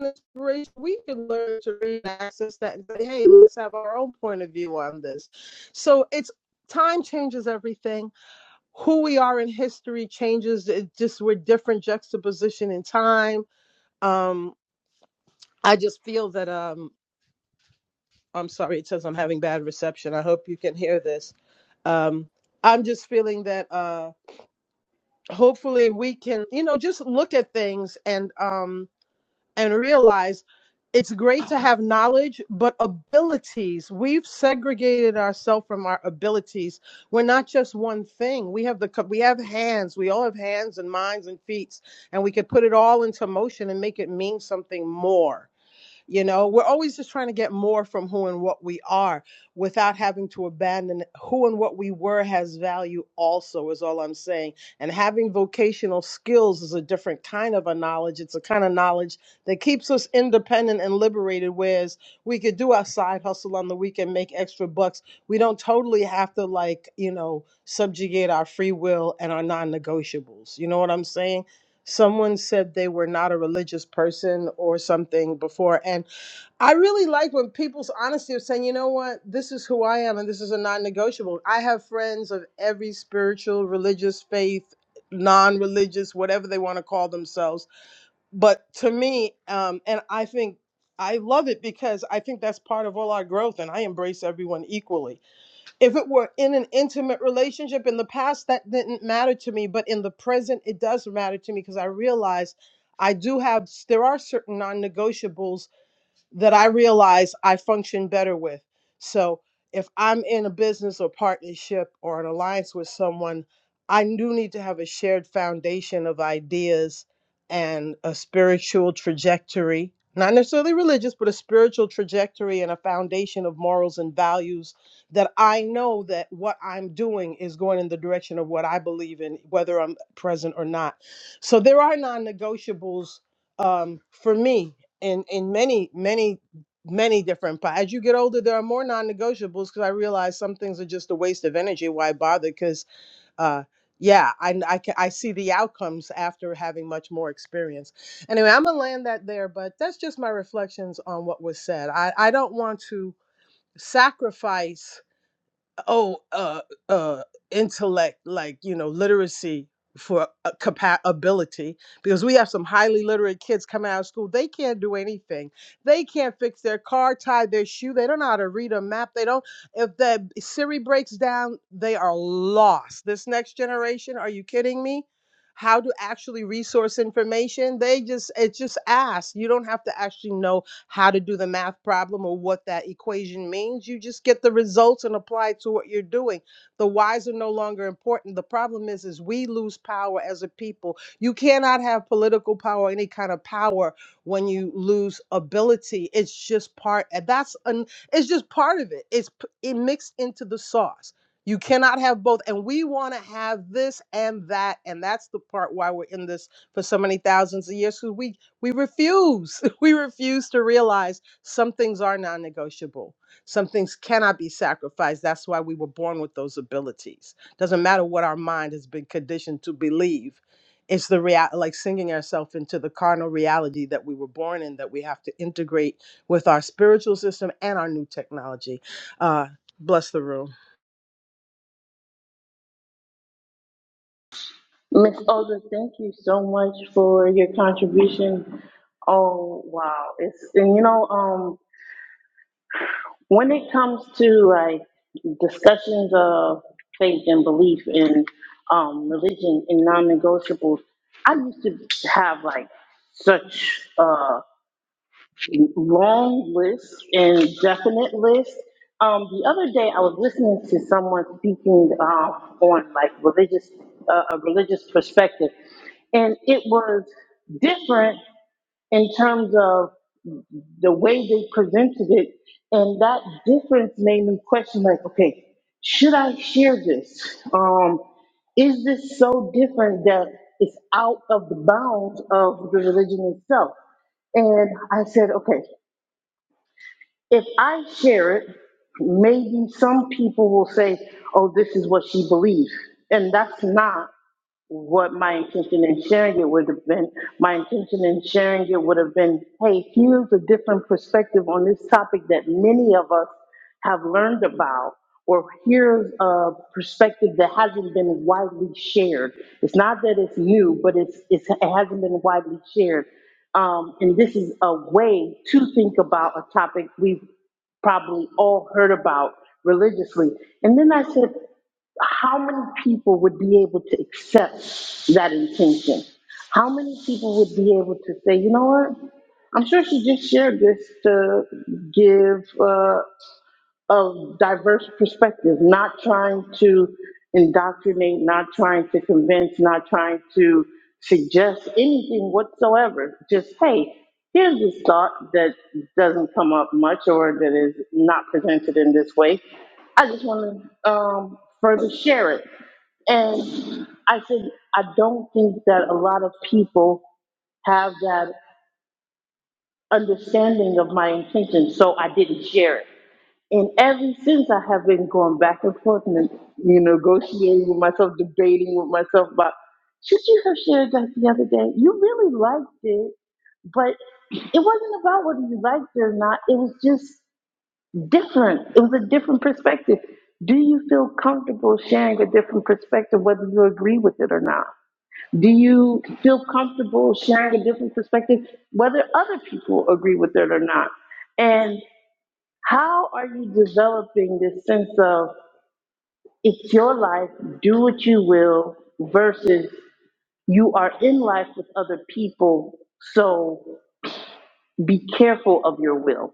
Speaker 5: inspiration, we can learn to read and access that and say, hey, let's have our own point of view on this. So it's time changes everything. Who we are in history changes. It just we're different juxtaposition in time. Um, I just feel that um, I'm sorry, it says I'm having bad reception. I hope you can hear this. Um, I'm just feeling that uh, hopefully we can, you know, just look at things and um, and realize it's great to have knowledge, but abilities. We've segregated ourselves from our abilities. We're not just one thing. We have the cap- we have hands. We all have hands and minds and feet, and we could put it all into motion and make it mean something more. You know, we're always just trying to get more from who and what we are without having to abandon who and what we were has value, also, is all I'm saying. And having vocational skills is a different kind of a knowledge. It's a kind of knowledge that keeps us independent and liberated, whereas we could do our side hustle on the weekend, make extra bucks. We don't totally have to, like, you know, subjugate our free will and our non negotiables. You know what I'm saying? Someone said they were not a religious person or something before. And I really like when people's honesty of saying, you know what, this is who I am and this is a non negotiable. I have friends of every spiritual, religious, faith, non religious, whatever they want to call themselves. But to me, um, and I think I love it because I think that's part of all our growth and I embrace everyone equally. If it were in an intimate relationship in the past, that didn't matter to me. But in the present, it does matter to me because I realize I do have, there are certain non negotiables that I realize I function better with. So if I'm in a business or partnership or an alliance with someone, I do need to have a shared foundation of ideas and a spiritual trajectory, not necessarily religious, but a spiritual trajectory and a foundation of morals and values that I know that what I'm doing is going in the direction of what I believe in, whether I'm present or not. So there are non negotiables um, for me in in many many many different pa- as you get older there are more non-negotiables because i realize some things are just a waste of energy why bother because uh yeah I, I ca- i see the outcomes after having much more experience anyway i'm gonna land that there but that's just my reflections on what was said i i don't want to sacrifice oh uh uh intellect like you know literacy for uh, capa- ability because we have some highly literate kids coming out of school they can't do anything they can't fix their car tie their shoe they don't know how to read a map they don't if the siri breaks down they are lost this next generation are you kidding me how to actually resource information they just it's just ask you don't have to actually know how to do the math problem or what that equation means. You just get the results and apply it to what you're doing. The whys are no longer important. The problem is, is we lose power as a people. You cannot have political power, any kind of power, when you lose ability. It's just part. and That's an. It's just part of it. It's p- it mixed into the sauce. You cannot have both. And we want to have this and that. And that's the part why we're in this for so many thousands of years because we. We refuse. [laughs] We refuse to realize some things are non negotiable. Some things cannot be sacrificed. That's why we were born with those abilities. Doesn't matter what our mind has been conditioned to believe. It's the real, like singing ourselves into the carnal reality that we were born in that we have to integrate with our spiritual system and our new technology. Uh, bless the room.
Speaker 1: Miss Olga, thank you so much for your contribution. Oh wow, it's and you know, um, when it comes to like discussions of faith and belief and um, religion and non-negotiables, I used to have like such. uh, long list and definite list. Um, the other day, I was listening to someone speaking uh, on like religious, uh, a religious perspective, and it was different in terms of the way they presented it, and that difference made me question like, okay, should I share this? Um, is this so different that it's out of the bounds of the religion itself? And I said, okay, if I share it, maybe some people will say, oh, this is what she believes. And that's not what my intention in sharing it would have been. My intention in sharing it would have been, hey, here's a different perspective on this topic that many of us have learned about or hears a perspective that hasn't been widely shared. It's not that it's new, but it's, it's it hasn't been widely shared. Um, and this is a way to think about a topic we've probably all heard about religiously. And then I said, how many people would be able to accept that intention? How many people would be able to say, you know what? I'm sure she just shared this to give uh, a diverse perspective, not trying to indoctrinate, not trying to convince, not trying to suggest anything whatsoever. Just, hey, here's this thought that doesn't come up much or that is not presented in this way. I just want to um, further share it. And I said, I don't think that a lot of people have that understanding of my intention, so I didn't share it. And ever since, I have been going back and forth and you know, negotiating with myself, debating with myself about should you have shared that the other day? You really liked it, but it wasn't about whether you liked it or not. It was just different. It was a different perspective. Do you feel comfortable sharing a different perspective, whether you agree with it or not? Do you feel comfortable sharing a different perspective, whether other people agree with it or not? And how are you developing this sense of it's your life, do what you will, versus you are in life with other people, so be careful of your will?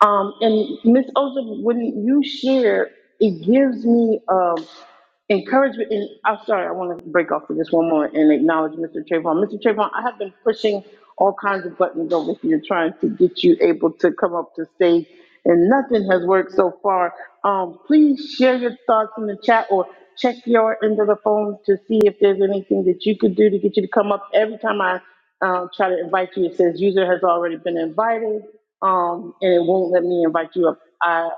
Speaker 1: Um, and Miss Oza, when you share, it gives me um, encouragement. And I'm sorry, I want to break off for just one moment and acknowledge Mr. Trayvon. Mr. Trayvon, I have been pushing all kinds of buttons over here trying to get you able to come up to stage, and nothing has worked so far. Um, please share your thoughts in the chat or check your end of the phone to see if there's anything that you could do to get you to come up. Every time I um, try to invite you. It says user has already been invited, um, and it won't let me invite you up. I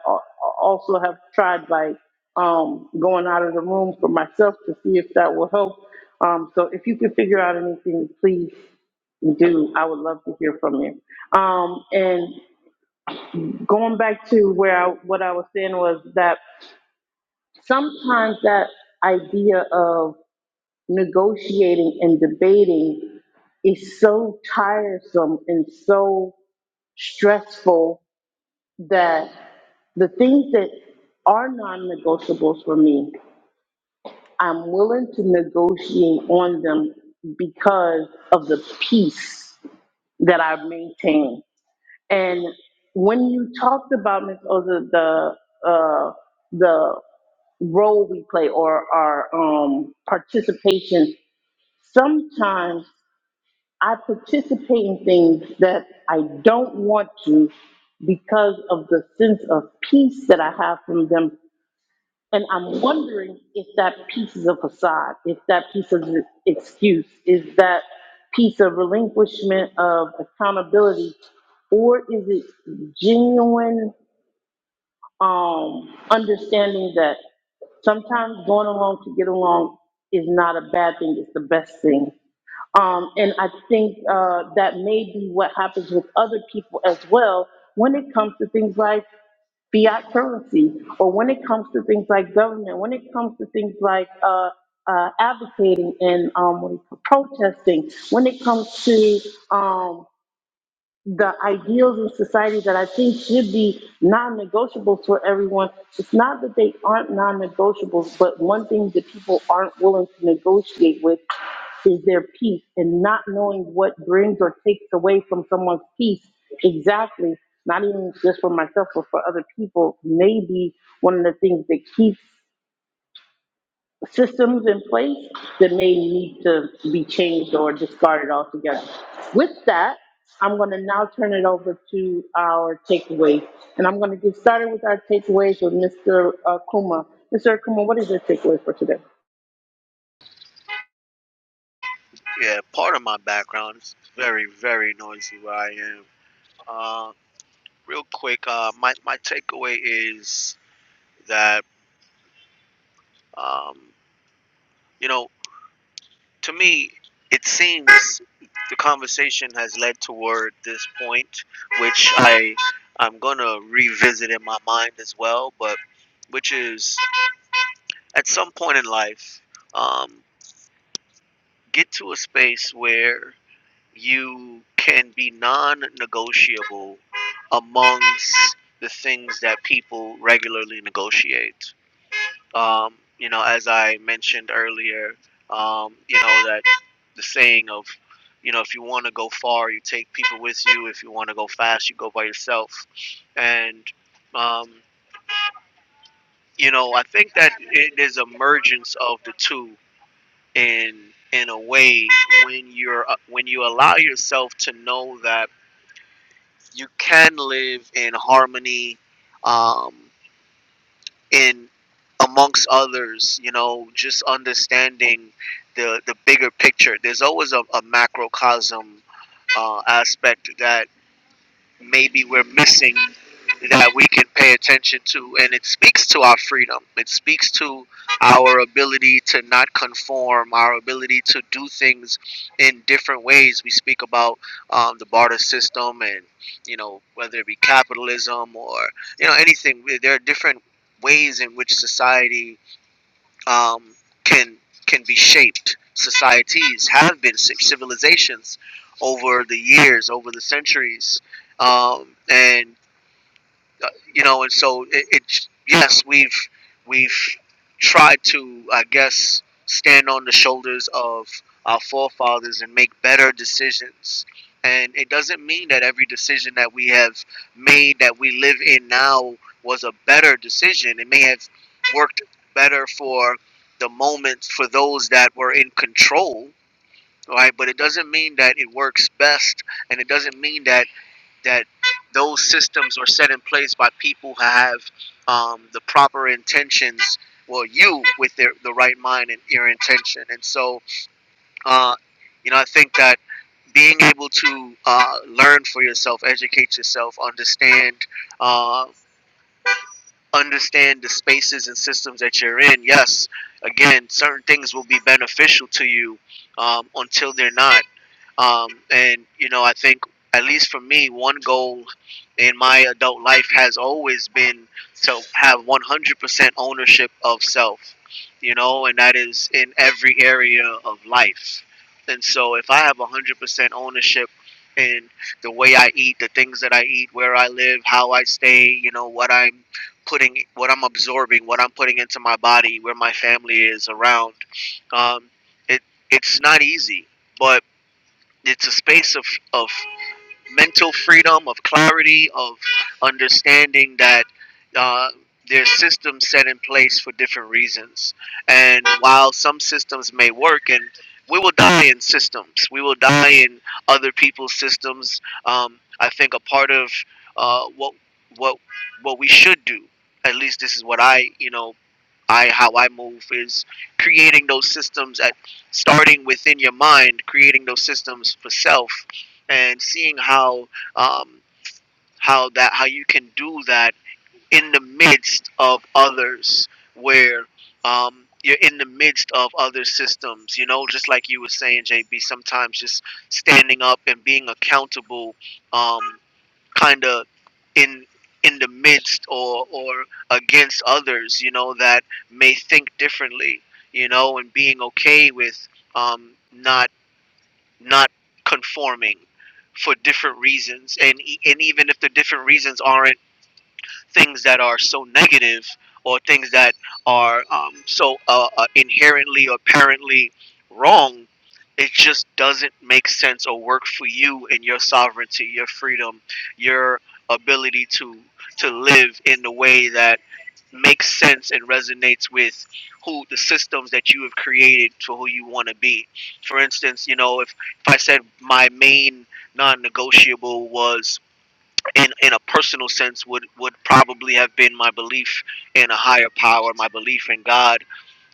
Speaker 1: also have tried like um, going out of the room for myself to see if that will help. Um, so if you can figure out anything, please do. I would love to hear from you. Um, and going back to where I, what I was saying was that sometimes that idea of negotiating and debating is so tiresome and so stressful that the things that are non-negotiables for me, I'm willing to negotiate on them because of the peace that I maintain. And when you talked about Ms. Oza, the uh, the role we play or our um, participation, sometimes I participate in things that I don't want to because of the sense of peace that I have from them. And I'm wondering if that piece is a facade, if that piece is an excuse, is that piece of relinquishment of accountability, or is it genuine um, understanding that sometimes going along to get along is not a bad thing, it's the best thing. Um, and I think uh, that may be what happens with other people as well when it comes to things like fiat currency, or when it comes to things like government, when it comes to things like uh, uh, advocating and um, what do you call- protesting, when it comes to um, the ideals in society that I think should be non-negotiables for everyone. It's not that they aren't non-negotiables, but one thing that people aren't willing to negotiate with is their peace and not knowing what brings or takes away from someone's peace exactly, not even just for myself, but for other people, may be one of the things that keeps systems in place that may need to be changed or discarded altogether. With that, I'm going to now turn it over to our takeaways. And I'm going to get started with our takeaways with Mr. Akuma. Mr. Akuma, what is your takeaway for today?
Speaker 3: Yeah, part of my background is very, very noisy where I am. Uh, real quick, uh, my, my takeaway is that, um, you know, to me, it seems the conversation has led toward this point, which I, I'm going to revisit in my mind as well, but which is at some point in life, um, get to a space where you can be non-negotiable amongst the things that people regularly negotiate. Um, you know, as I mentioned earlier, um, you know that the saying of, you know, if you want to go far, you take people with you. If you want to go fast, you go by yourself. And um, you know, I think that it is emergence of the two in in a way when you're when you allow yourself to know that you can live in harmony um, in amongst others you know just understanding the the bigger picture there's always a, a macrocosm uh, aspect that maybe we're missing that we can pay attention to and it speaks to our freedom it speaks to our ability to not conform our ability to do things in different ways we speak about um, the barter system and you know whether it be capitalism or you know anything We- there are different ways in which society um, can can be shaped. Societies have been shaped. Civilizations over the years, over the centuries, um, and you know, and so it, it's yes, we've we've tried to, I guess, stand on the shoulders of our forefathers and make better decisions. And it doesn't mean that every decision that we have made that we live in now was a better decision. It may have worked better for the moment for those that were in control, right? But it doesn't mean that it works best, and it doesn't mean that that those systems were set in place by people who have um, the proper intentions. Well, you with their, the right mind and your intention, and so uh, you know I think that being able to uh, learn for yourself, educate yourself, understand uh, understand the spaces and systems that you're in. Yes, again, certain things will be beneficial to you um, until they're not um, and you know, I think at least for me, one goal in my adult life has always been to have 100% ownership of self. You know, and that is in every area of life. And so, if I have 100% ownership in the way I eat, the things that I eat, where I live, how I stay, you know, what I'm putting, what I'm absorbing, what I'm putting into my body, where my family is around, um, it it's not easy, but it's a space of, of mental freedom, of clarity, of understanding that uh, there's systems set in place for different reasons. And while some systems may work, and we will die in systems, we will die in other people's systems. Um, I think a part of uh, what what what we should do, at least this is what I you know I how I move is creating those systems at starting within your mind, creating those systems for self, and seeing how um, how that how you can do that in the midst of others, where um, you're in the midst of other systems. You know, just like you were saying, JB. Sometimes just standing up and being accountable. Um, kind of in in the midst or or against others you know that may think differently you know and being okay with um not not conforming for different reasons and e- and even if the different reasons aren't things that are so negative or things that are um, so uh, uh, inherently or apparently wrong, it just doesn't make sense or work for you and your sovereignty, your freedom, your ability to to live in the way that makes sense and resonates with who the systems that you have created for who you want to be. For instance, you know, if if I said my main non-negotiable was in in a personal sense would would probably have been my belief in a higher power my belief in god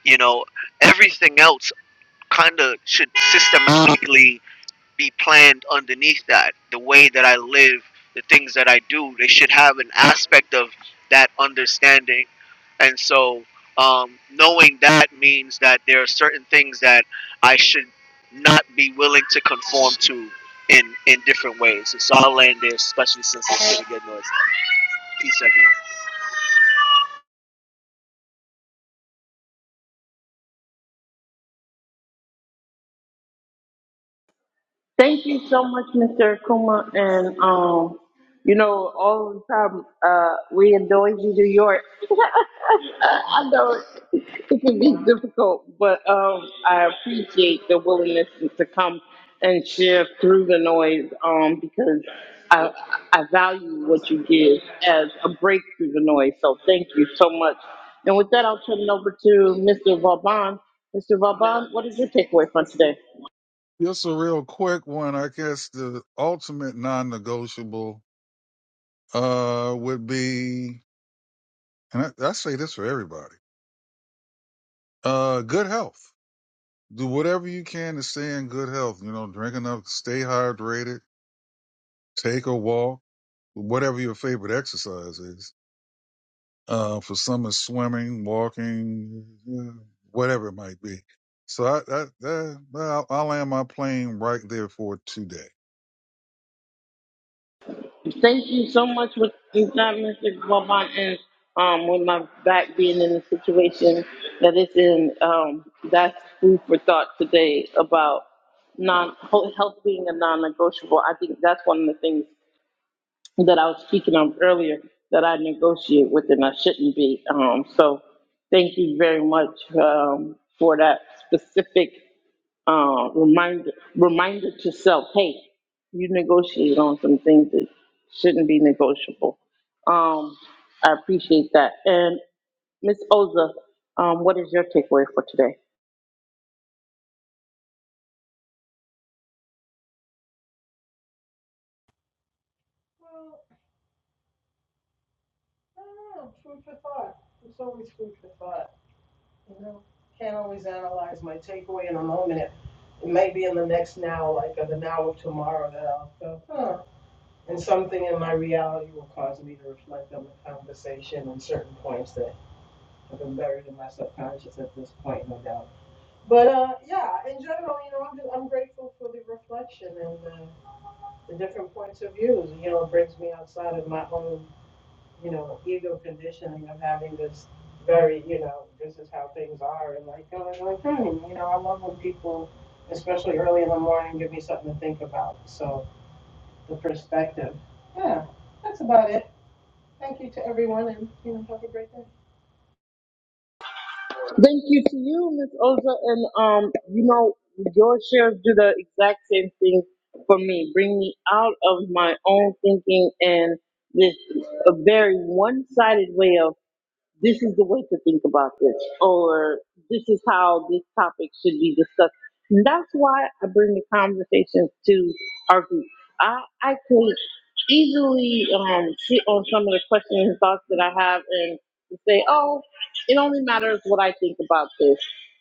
Speaker 3: you know everything else kind of should systematically be planned underneath that the way that i live the things that i do they should have an aspect of that understanding and so um, knowing that means that there are certain things that i should not be willing to conform to in in different ways. And so I'll land there, especially since it's getting good. Peace, everyone.
Speaker 1: Thank you so much, Mr. Akuma. And, um, you know, all the time, uh, we in Noisy, New York. [laughs] I know it, it can be difficult, but um, I appreciate the willingness to come and share through the noise um, because I, I value what you give as a break through the noise. So thank you so much. And with that, I'll turn it over to Mr. Vauban. Mr. Vauban, what is your takeaway from today?
Speaker 4: Just a real quick one. I guess the ultimate non negotiable uh, would be, and I, I say this for everybody uh, good health. Do whatever you can to stay in good health. You know, drink enough, stay hydrated, take a walk, whatever your favorite exercise is Uh, for some, it's swimming, walking, uh, whatever it might be. So I, I, that, well, I'll I'll land my plane right there for today.
Speaker 1: Thank you so much with with that, Mr. Vaughn, and um, with my back being in the situation that it's in, um, that's food for thought today about non health being a non-negotiable. I think that's one of the things that I was speaking of earlier that I negotiate with and I shouldn't be. Um, so thank you very much um, for that specific uh, reminder reminder to self. Hey, you negotiate on some things that shouldn't be negotiable. Um, I appreciate that. And Miss Oza, um, what is your takeaway for today?
Speaker 5: Well, I don't know. Food for thought. It's always food for thought. You know, can't always analyze my takeaway in a moment. It, it may be in the next now, like or the now of tomorrow, that I'll go, huh. And something in my reality will cause me to reflect on the conversation and certain points that have been buried in my subconscious at this point, no doubt. But uh, yeah, in general, you know, I'm, I'm grateful for the reflection and uh, the different points of views. You know, it brings me outside of my own you know, ego conditioning of having this very, you know, this is how things are, and like, oh, like, hmm, you know, I love when people, especially early in the morning, give me something to think about. So the perspective. yeah.
Speaker 1: Thank you to you, Miss Oza, and um, you know, your shares do the exact same thing for me. Bring me out of my own thinking and this a very one-sided way of this is the way to think about this, or this is how this topic should be discussed. And that's why I bring the conversations to our group. I, I could easily um, sit on some of the questions and thoughts that I have and say, oh, it only matters what I think about this.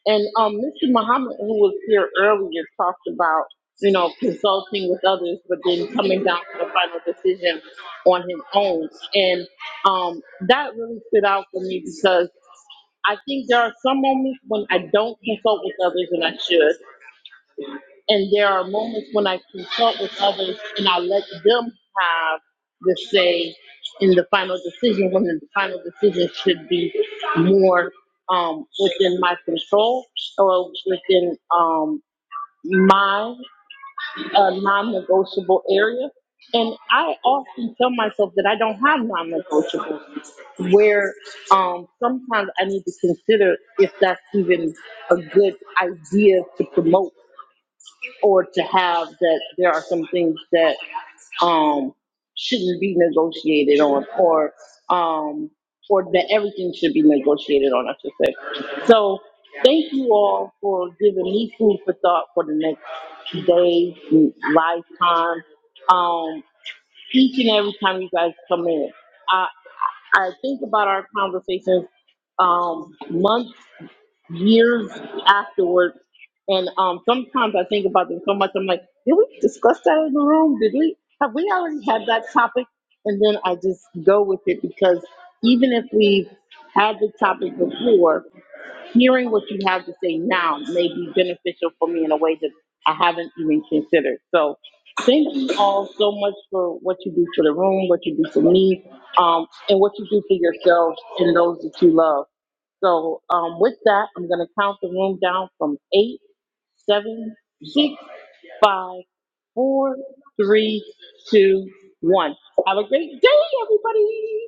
Speaker 1: And um, Mr. Muhammad, who was here earlier, talked about, you know, consulting with others, but then coming down to the final decision on his own. and. Um, that really stood out for me because I think there are some moments when I don't consult with others and I should. And there are moments when I consult with others and I let them have the say in the final decision when the final decision should be more um, within my control or within um, mine a non-negotiable area. And I often tell myself that I don't have non-negotiables. Where um, sometimes I need to consider if that's even a good idea to promote or to have that there are some things that um shouldn't be negotiated on or um or that everything should be negotiated on, I should say. So thank you all for giving me food for thought for the next day, lifetime. Um each and every time you guys come in. I I think about our conversations um months years afterwards. And um, sometimes I think about them so much. I'm like, did we discuss that in the room? Did we have we already had that topic? And then I just go with it because even if we've had the topic before, hearing what you have to say now may be beneficial for me in a way that I haven't even considered. So thank you all so much for what you do for the room, what you do for me, um, and what you do for yourselves and those that you love. So um, with that, I'm going to count the room down from eight, seven, six, five, four, three, two, one. Have a great day, everybody.